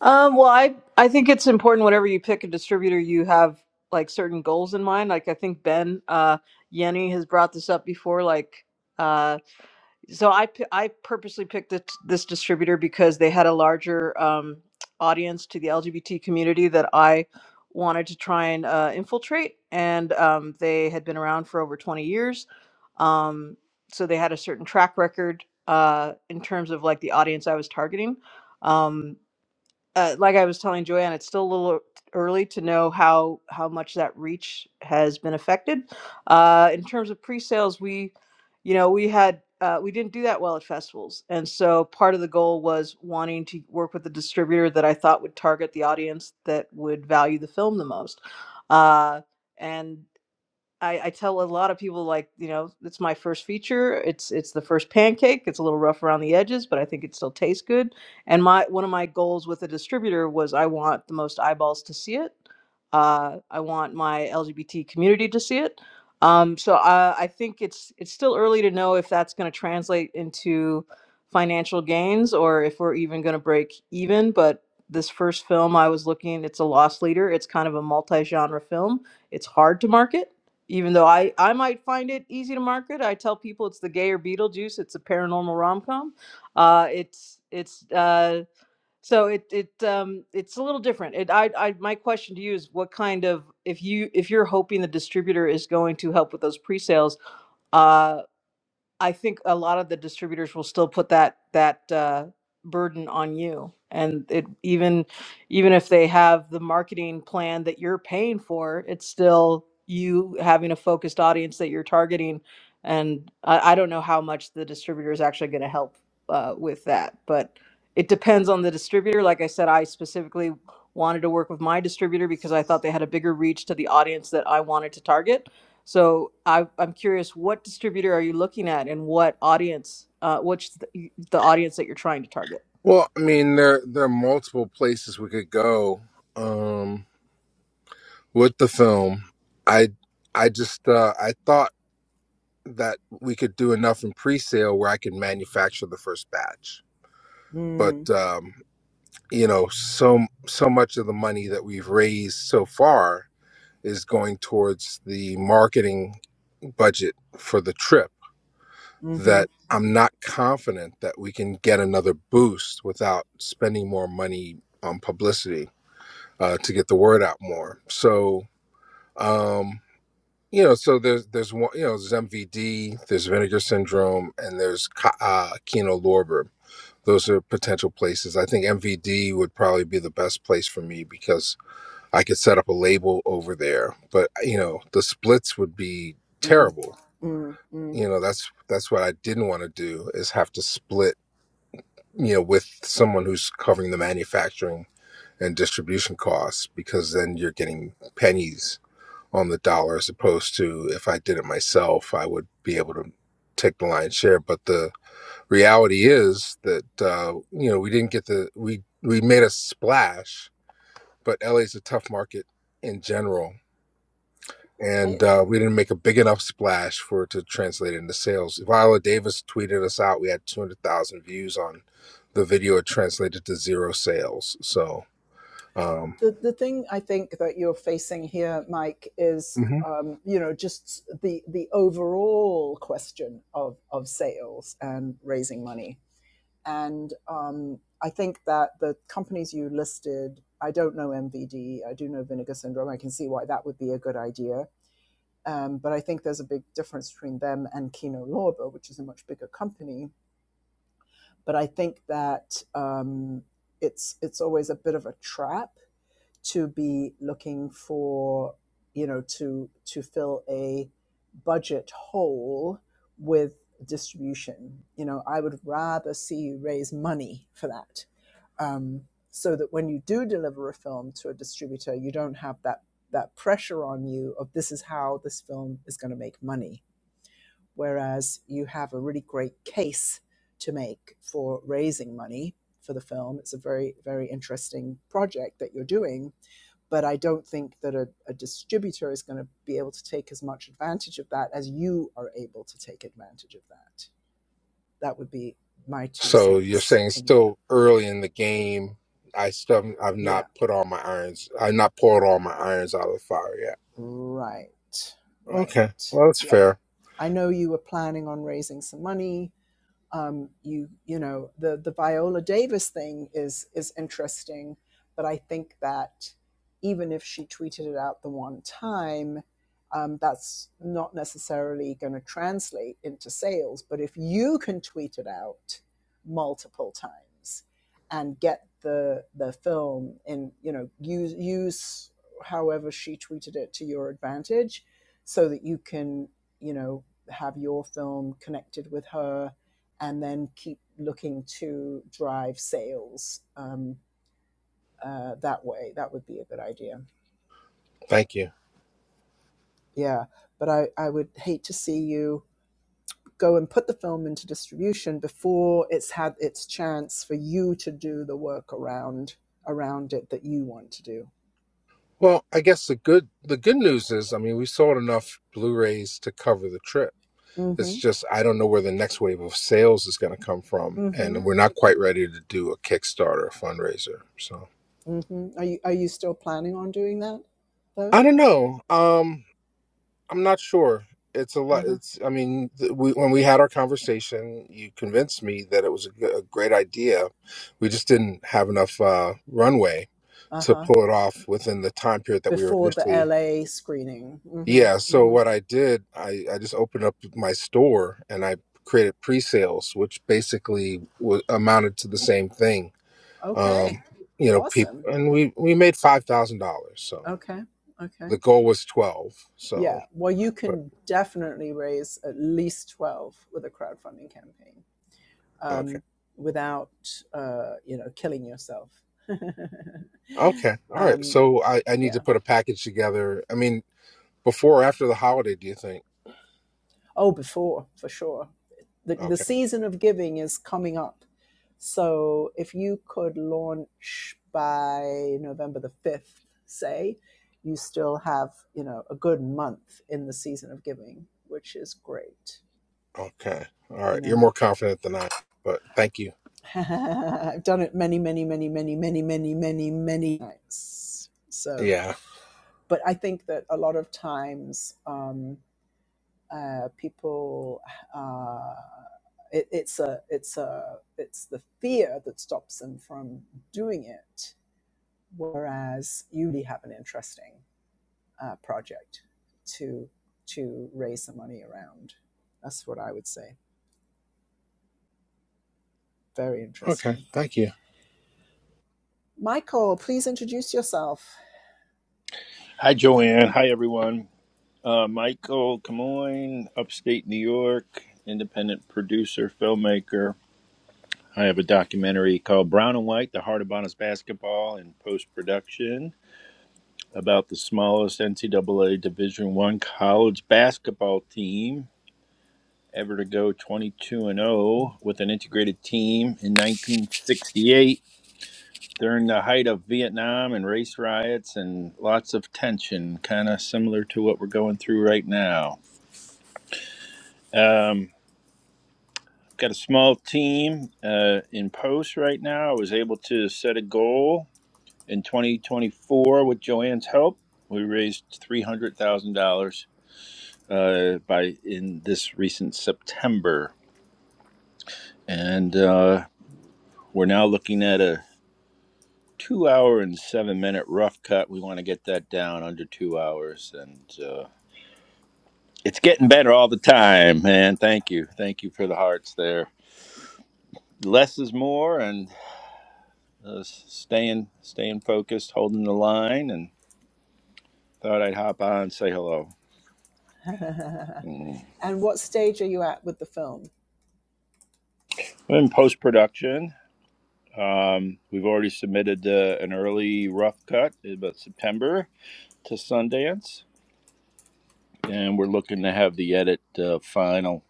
[SPEAKER 5] Um, well, I I think it's important whenever you pick a distributor, you have like certain goals in mind. Like I think Ben uh, Yenny has brought this up before. Like, uh, so I pi- I purposely picked this, this distributor because they had a larger um, audience to the LGBT community that I wanted to try and uh, infiltrate, and um, they had been around for over twenty years, um, so they had a certain track record uh, in terms of like the audience I was targeting. Um, uh, like I was telling Joanne, it's still a little early to know how how much that reach has been affected. Uh, in terms of pre-sales, we, you know, we had uh, we didn't do that well at festivals, and so part of the goal was wanting to work with a distributor that I thought would target the audience that would value the film the most. Uh, and I, I tell a lot of people like you know it's my first feature it's it's the first pancake it's a little rough around the edges but i think it still tastes good and my one of my goals with a distributor was i want the most eyeballs to see it uh, i want my lgbt community to see it um, so uh, i think it's it's still early to know if that's going to translate into financial gains or if we're even going to break even but this first film i was looking it's a loss leader it's kind of a multi-genre film it's hard to market even though I, I might find it easy to market, I tell people it's the gayer Beetlejuice. It's a paranormal rom com. Uh, it's it's uh, so it it um, it's a little different. It, I, I my question to you is what kind of if you if you're hoping the distributor is going to help with those pre sales, I think a lot of the distributors will still put that that uh, burden on you, and it even even if they have the marketing plan that you're paying for, it's still you having a focused audience that you're targeting. And I, I don't know how much the distributor is actually going to help uh, with that, but it depends on the distributor. Like I said, I specifically wanted to work with my distributor because I thought they had a bigger reach to the audience that I wanted to target so I, I'm curious, what distributor are you looking at, and what audience? Uh, what's the, the audience that you're trying to target?
[SPEAKER 4] Well, I mean, there there are multiple places we could go um, with the film. I I just uh, I thought that we could do enough in pre-sale where I could manufacture the first batch, but
[SPEAKER 1] Mm,
[SPEAKER 4] um, you know, so so much of the money that we've raised so far is going towards the marketing budget for the trip
[SPEAKER 1] mm-hmm,
[SPEAKER 4] that I'm not confident that we can get another boost without spending more money on publicity uh, to get the word out more. So, um, you know, so there's there's one, you know, there's MVD, there's Vinegar Syndrome, and there's Ka- uh, Kino Lorber. Those are potential places. I think MVD would probably be the best place for me because I could set up a label over there, but uh, you know, the splits would be
[SPEAKER 1] mm,
[SPEAKER 4] terrible.
[SPEAKER 1] mm, mm.
[SPEAKER 4] You know, that's that's what I didn't want to do is have to split, you know, with someone who's covering the manufacturing and distribution costs because then you're getting pennies on the dollar as opposed to if I did it myself, I would be able to take the lion's share. But the reality is that uh, you know, we didn't get the we we made a splash, but LA's a tough market in general
[SPEAKER 1] I,
[SPEAKER 4] and uh, we didn't make a big enough splash for it to translate into sales. Viola Davis tweeted us out. We had 200,000 views on the video. It translated to zero sales. So, um,
[SPEAKER 1] the the thing I think that you're facing here, Mike, is
[SPEAKER 4] Mhm.
[SPEAKER 1] um, you know just the the overall question of of sales and raising money, and um, I think that the companies you listed. I don't know MVD. I do know vinegar syndrome. I can see why that would be a good idea Um, but I think there's a big difference between them and Kino Lorber, which is a much bigger company. But I think that um, it's it's always a bit of a trap to be looking for, you know, to to fill a budget hole with distribution. You know, I would rather see you raise money for that, um, so that when you do deliver a film to a distributor, you don't have that that pressure on you of this is how this film is going to make money whereas you have a really great case to make for raising money for the film. It's a very, very interesting project that you're doing, but I don't think that a, a distributor is going to be able to take as much advantage of that as you are able to take advantage of that. That would be my two
[SPEAKER 4] so you're
[SPEAKER 1] cents
[SPEAKER 4] saying it's
[SPEAKER 1] in there.
[SPEAKER 4] still early in the game. I still I've
[SPEAKER 1] Yeah,
[SPEAKER 4] not put all my irons. I've not poured all my irons out of the fire yet.
[SPEAKER 1] right,
[SPEAKER 4] Okay,
[SPEAKER 1] right.
[SPEAKER 4] well that's
[SPEAKER 1] Yeah,
[SPEAKER 4] fair.
[SPEAKER 1] I know you were planning on raising some money um, you you know the the Viola Davis thing is is interesting, but I think that even if she tweeted it out the one time, um, that's not necessarily going to translate into sales. But if you can tweet it out multiple times and get the the film and you know use use however she tweeted it to your advantage, so that you can you know have your film connected with her and then keep looking to drive sales um, uh, that way. That would be a good idea.
[SPEAKER 4] Thank you.
[SPEAKER 1] Yeah, but I, I would hate to see you go and put the film into distribution before it's had its chance for you to do the work around around it that you want to do.
[SPEAKER 4] Well, I guess the good the good news is, I mean, we sold enough Blu-rays to cover the trip
[SPEAKER 1] Mm-hmm.
[SPEAKER 4] It's just I don't know where the next wave of sales is going to come from,
[SPEAKER 1] Mm-hmm.
[SPEAKER 4] and we're not quite
[SPEAKER 1] Mm-hmm.
[SPEAKER 4] ready to do a Kickstarter fundraiser. So
[SPEAKER 1] Mm-hmm. Are you are you still planning on doing that though?
[SPEAKER 4] I don't know. Um, I'm not sure. It's a lot.
[SPEAKER 1] Uh-huh.
[SPEAKER 4] It's I mean, th- we, when we had our conversation, you convinced me that it was a, g- a great idea. We just didn't have enough uh, runway to
[SPEAKER 1] Uh-huh.
[SPEAKER 4] pull it off within the time period that we were
[SPEAKER 1] Before the
[SPEAKER 4] initially
[SPEAKER 1] LA screening.
[SPEAKER 4] Yeah,
[SPEAKER 1] Mm-hmm.
[SPEAKER 4] so what
[SPEAKER 1] Mm-hmm.
[SPEAKER 4] I did, I, I just opened up my store and I created pre-sales, which basically was, amounted to the same thing.
[SPEAKER 1] Okay.
[SPEAKER 4] Um, you know, people,
[SPEAKER 1] Awesome.
[SPEAKER 4] and we we made five thousand dollars. So
[SPEAKER 1] Okay. Okay.
[SPEAKER 4] the goal was twelve.
[SPEAKER 1] Yeah.
[SPEAKER 4] So,
[SPEAKER 1] Well, you
[SPEAKER 4] but
[SPEAKER 1] can definitely raise at least 12 with a crowdfunding campaign
[SPEAKER 4] okay,
[SPEAKER 1] um, without, uh, you know, killing yourself.
[SPEAKER 4] okay, all right.
[SPEAKER 1] um,
[SPEAKER 4] So I I need to
[SPEAKER 1] yeah.
[SPEAKER 4] put a package together. I mean, before or after the holiday, do you think?
[SPEAKER 1] Oh, before, for sure. The, the
[SPEAKER 4] Okay,
[SPEAKER 1] season of giving is coming up. So if you could launch by November the 5th, say, you still have, you know, a good month in the season of giving, which is great,
[SPEAKER 4] okay, all
[SPEAKER 1] you
[SPEAKER 4] right. You're
[SPEAKER 1] know?
[SPEAKER 4] more confident than I, but thank you.
[SPEAKER 1] I've done it many, many, many, many, many, many, many, many times. So,
[SPEAKER 4] Yeah.
[SPEAKER 1] but I think that a lot of times um, uh, people, uh, it, it's a, it's a, it's the fear that stops them from doing it. Whereas you really have an interesting uh, project to to raise the money around. That's what I would say. Very
[SPEAKER 4] Okay,
[SPEAKER 1] interesting.
[SPEAKER 4] thank you.
[SPEAKER 1] Michael, please introduce yourself.
[SPEAKER 6] Hi, Joanne. Hi, everyone. Uh, Michael Camoin, upstate New York, independent producer, filmmaker. I have a documentary called Brown and White The Heart of Bonus Basketball in Post Production about the smallest NCAA Division One college basketball team ever to go 22 and 0 with an integrated team in 1968 during the height of Vietnam and race riots and lots of tension, kind of similar to what we're going through right now. Um, got a small team uh, in post right now. I was able to set a goal in 2024 with Joanne's help. We raised three hundred thousand dollars uh, by in this recent September, and uh, we're now looking at a two-hour and seven-minute rough cut. We want to get that down under two hours, and uh, it's getting better all the time. Man, thank you, thank you for the hearts there. Less is more, uh, staying staying focused, holding the line, and thought I'd hop on and say hello. Mm.
[SPEAKER 1] And what stage are you at with the film?
[SPEAKER 6] In post production, um, we've already submitted uh, an early rough cut in about September to Sundance, and we're looking to have the edit uh, final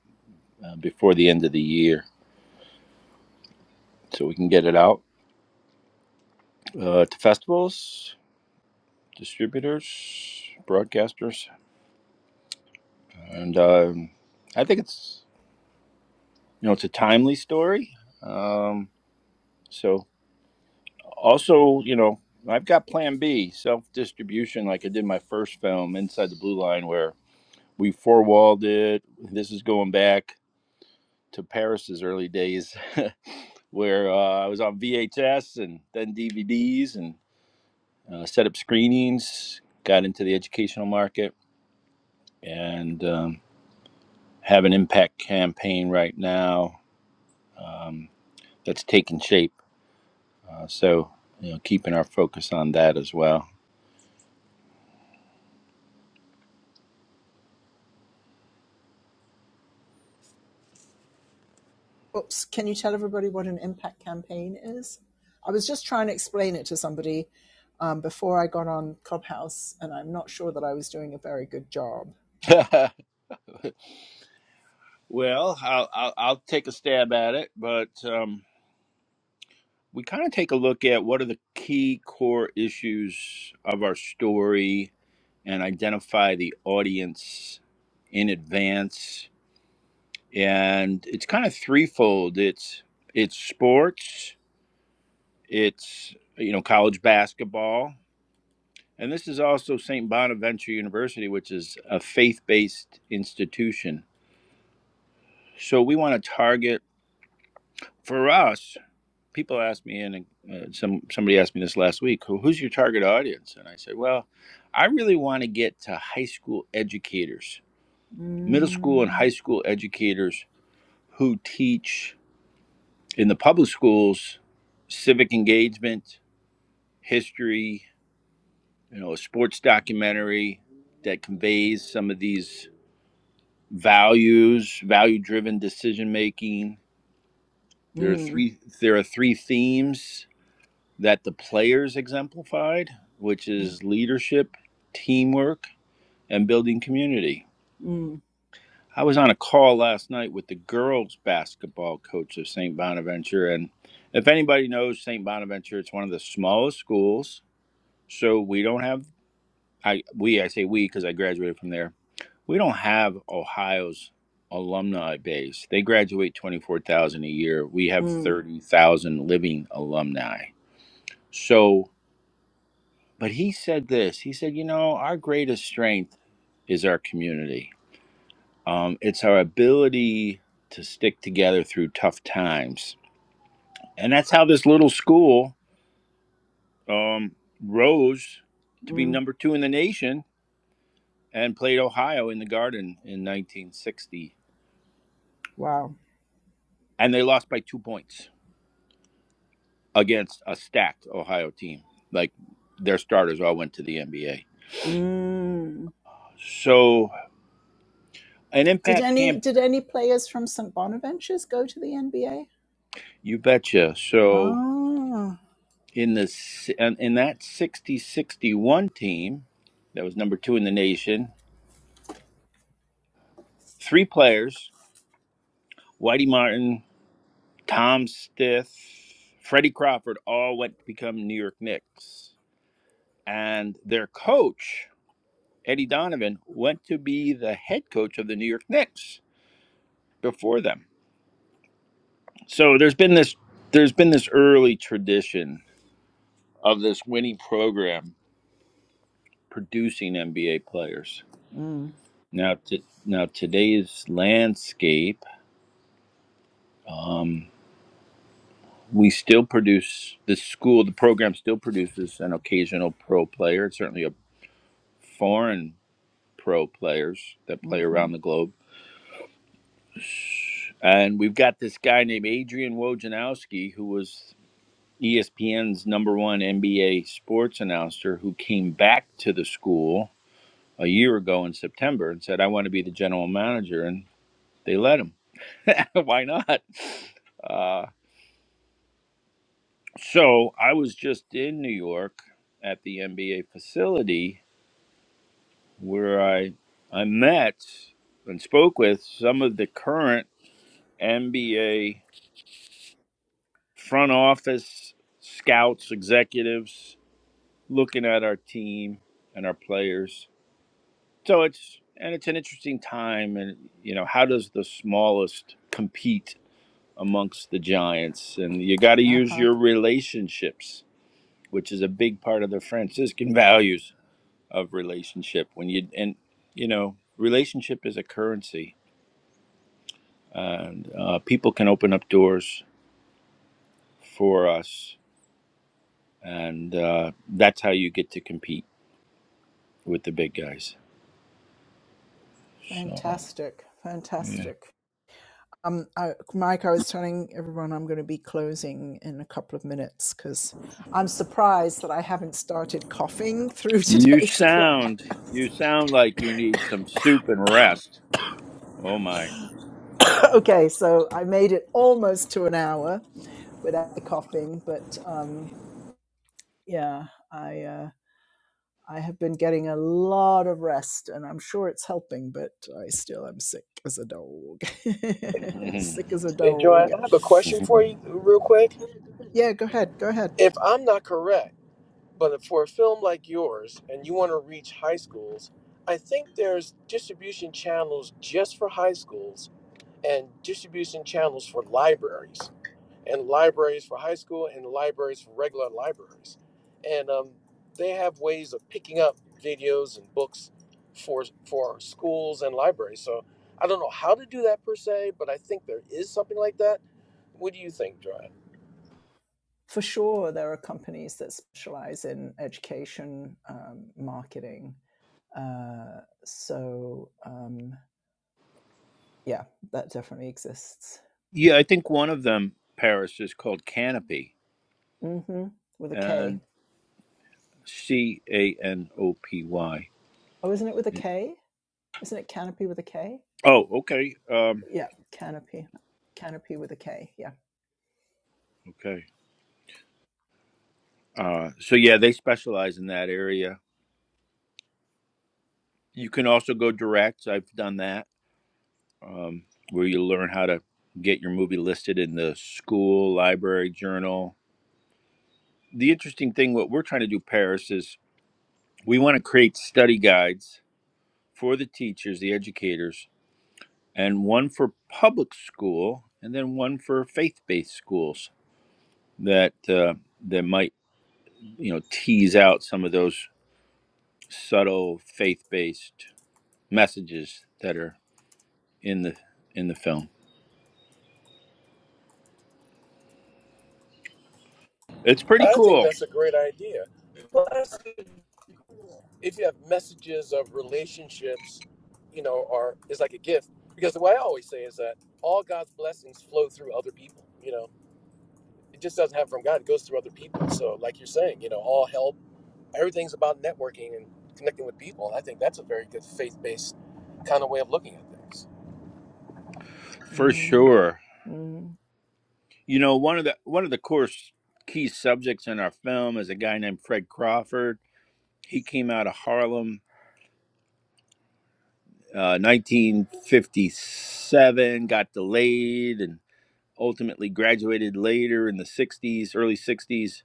[SPEAKER 6] uh, before the end of the year, so we can get it out uh, to festivals, distributors, broadcasters, and um, I think it's you know it's a timely story. Um, so also, you know, I've got plan B, self distribution, like I did my first film, Inside the Blue Line, where we four walled it. This is going back to Paris's early days, where uh, I was on VHS and then DVDs and uh, set up screenings, got into the educational market, and um, have an impact campaign right now um, that's taking shape. Uh, so, you know, keeping our focus on that as well.
[SPEAKER 1] Oops, can you tell everybody what an impact campaign is? I was just trying to explain it to somebody um, before I got on Clubhouse, and I'm not sure that I was doing a very good job.
[SPEAKER 6] Well, I'll, I'll, I'll take a stab at it, but um, we kind of take a look at what are the key core issues of our story and identify the audience in advance. And it's kind of threefold. It's it's sports. It's you know college basketball, and this is also St. Bonaventure University, which is a faith-based institution. So we want to target for us. people ask me and uh, some somebody asked me this last week who, who's your target audience and i said well i really want to get to high school educators middle school and
[SPEAKER 1] Mm,
[SPEAKER 6] high school educators who teach in the public schools civic engagement history you know a sports documentary that conveys some of these values value driven decision making there are
[SPEAKER 1] mm,
[SPEAKER 6] three there are three themes that the players exemplified, which
[SPEAKER 1] mm,
[SPEAKER 6] is leadership, teamwork, and building community.
[SPEAKER 1] mm,
[SPEAKER 6] I was on a call last night with the girls basketball coach of St. Bonaventure. And if anybody knows St. Bonaventure, it's one of the smallest schools. So we don't have, I, we, I say we because I graduated from there. We don't have Ohio's alumni base. They graduate 24,000 a year. We have
[SPEAKER 1] mm,
[SPEAKER 6] 30,000 living alumni. So but he said this he said you know our greatest strength is our community um, it's our ability to stick together through tough times and that's how this little school um, rose to be
[SPEAKER 1] mm.
[SPEAKER 6] number two in the nation and played ohio in the garden in 1960
[SPEAKER 1] Wow.
[SPEAKER 6] and they lost by two points against a stacked ohio team like their starters all went to the nba
[SPEAKER 1] Mm.
[SPEAKER 6] so an
[SPEAKER 1] Did
[SPEAKER 6] impact
[SPEAKER 1] any
[SPEAKER 6] camp
[SPEAKER 1] did any players from St Bonaventures go to the NBA?
[SPEAKER 6] you betcha so
[SPEAKER 1] Oh,
[SPEAKER 6] in the in that sixty sixty one team that was number two in the nation three players whitey martin tom stith freddie crawford all went to become new york knicks and their coach eddie donovan went to be the head coach of the new york knicks before them so there's been this there's been this early tradition of this winning program producing nba players
[SPEAKER 1] Mm.
[SPEAKER 6] now to now today's landscape Um, we still produce the school. The program still produces an occasional pro player. It's certainly a foreign pro players that play
[SPEAKER 1] Mm-hmm.
[SPEAKER 6] around the globe. And we've got this guy named Adrian Wojnarowski, who was ESPN's number one NBA sports announcer, who came back to the school a year ago in September and said, "I want to be the general manager," and they let him. Why not? Uh, So I was just in New York at the NBA facility where I I met and spoke with some of the current NBA front office scouts, executives looking at our team and our players. So it's and it's an interesting time and you know how does the smallest compete amongst the giants and you got to
[SPEAKER 1] uh
[SPEAKER 6] use
[SPEAKER 1] huh.
[SPEAKER 6] your relationships which is a big part of the Franciscan values of relationship when you and you know relationship is a currency and uh, people can open up doors for us and uh, that's how you get to compete with the big guys so
[SPEAKER 1] Fantastic,
[SPEAKER 6] yeah
[SPEAKER 1] fantastic. Um, I, Mike, I was telling everyone I'm going to be closing in a couple of minutes because I'm surprised that I haven't started coughing through
[SPEAKER 6] you
[SPEAKER 1] today's
[SPEAKER 6] sound you
[SPEAKER 1] clubhouse.
[SPEAKER 6] sound like you need some soup and rest oh my
[SPEAKER 1] okay, so I made it almost to an hour without the coughing, but um, yeah, I uh, I have been getting a lot of rest, and I'm sure it's helping, but I still am sick as a dog, sick as a
[SPEAKER 3] Hey,
[SPEAKER 1] dog.
[SPEAKER 3] Joanne, I have a question for you, real quick.
[SPEAKER 1] Yeah, go ahead, go ahead.
[SPEAKER 3] If I'm not correct, but for a film like yours, and you want to reach high schools, I think there's distribution channels just for high schools and distribution channels for libraries. and libraries for high school and libraries for regular libraries. And um, they have ways of picking up videos and books for for schools and libraries. So I don't know how to do that per se, but I think there is something like that. What do you think, John?
[SPEAKER 1] for sure, there are companies that specialize in education um, marketing. Uh, so, um, yeah, that definitely exists.
[SPEAKER 6] yeah i think one of them paris is called canopy
[SPEAKER 1] hmm With a K.
[SPEAKER 6] and c-a-n-o-p-y
[SPEAKER 1] Oh, isn't it with a K? Isn't it Canopy with a K?
[SPEAKER 6] oh okay um
[SPEAKER 1] Yeah, Canopy. Canopy with a K. Yeah.
[SPEAKER 6] okay Uh, so yeah, they specialize in that area. You can also go direct. I've done that, um, where you learn how to get your movie listed in the school, library, journal. The interesting thing, what we're trying to do, Paris, is we want to create study guides for the teachers, the educators, and one for public school, and then one for faith-based schools that uh, that might, you know, tease out some of those subtle faith-based messages that are in the in the film. It's pretty
[SPEAKER 3] I think
[SPEAKER 6] cool
[SPEAKER 3] that's a great idea. Plus, if you have messages of relationships, you know, are is like a gift because the way I always say is that all God's blessings flow through other people. You know, it just doesn't happen from God. It goes through other people. So, like you're saying, you know, all help, everything's about networking and connecting with people. And I think that's a very good faith based kind of way of looking at things.
[SPEAKER 6] for
[SPEAKER 1] Mm-hmm.
[SPEAKER 6] sure. You know, one of the one of the core key subjects in our film is a guy named Fred Crawford. He came out of Harlem, uh, 1957, got delayed, and ultimately graduated later in the 60s, early 60s.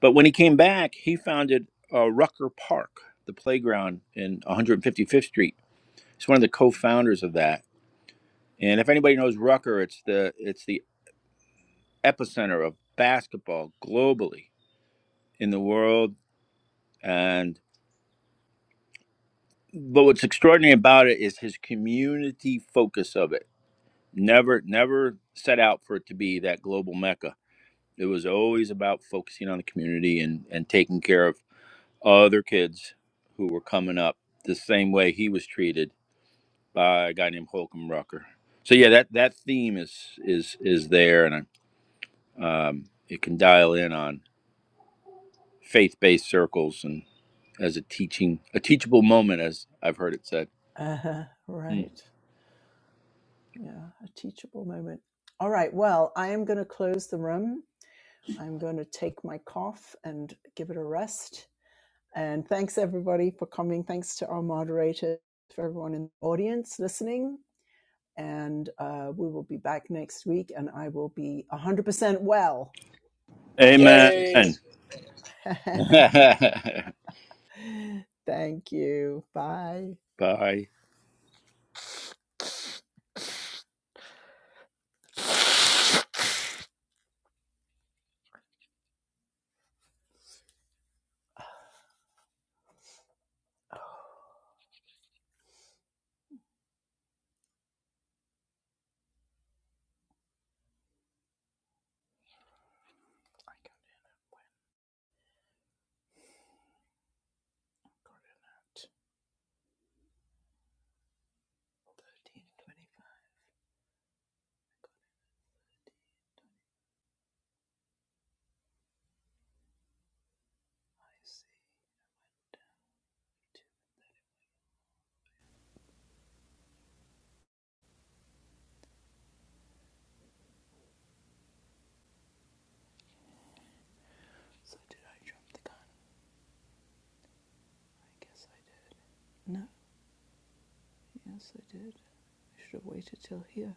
[SPEAKER 6] But when he came back, he founded uh, Rucker Park, the playground in 155th Street. He's one of the co-founders of that. And if anybody knows Rucker, it's the it's the epicenter of basketball globally in the world. And but what's extraordinary about it is his community focus of it. Never, never set out for it to be that global mecca. It was always about focusing on the community and, and taking care of other kids who were coming up the same way he was treated by a guy named Holcomb Rucker. So yeah, that, that theme is is is there, and I, um, it can dial in on faith based circles and. as a teaching, a teachable moment, as I've heard it said.
[SPEAKER 1] Uh-huh.
[SPEAKER 6] Hmm.
[SPEAKER 1] Right. Yeah, a teachable moment. All right. Well, I am going to close the room. I'm going to take my cough and give it a rest. And thanks everybody for coming. Thanks to our moderator, for everyone in the audience listening. And uh, we will be back next week, and I will be 100% well by next week.
[SPEAKER 3] Yay!
[SPEAKER 6] Amen.
[SPEAKER 1] Thank you. Bye.
[SPEAKER 6] Bye.
[SPEAKER 1] Oh, So No, yes, I did. I should have waited till here.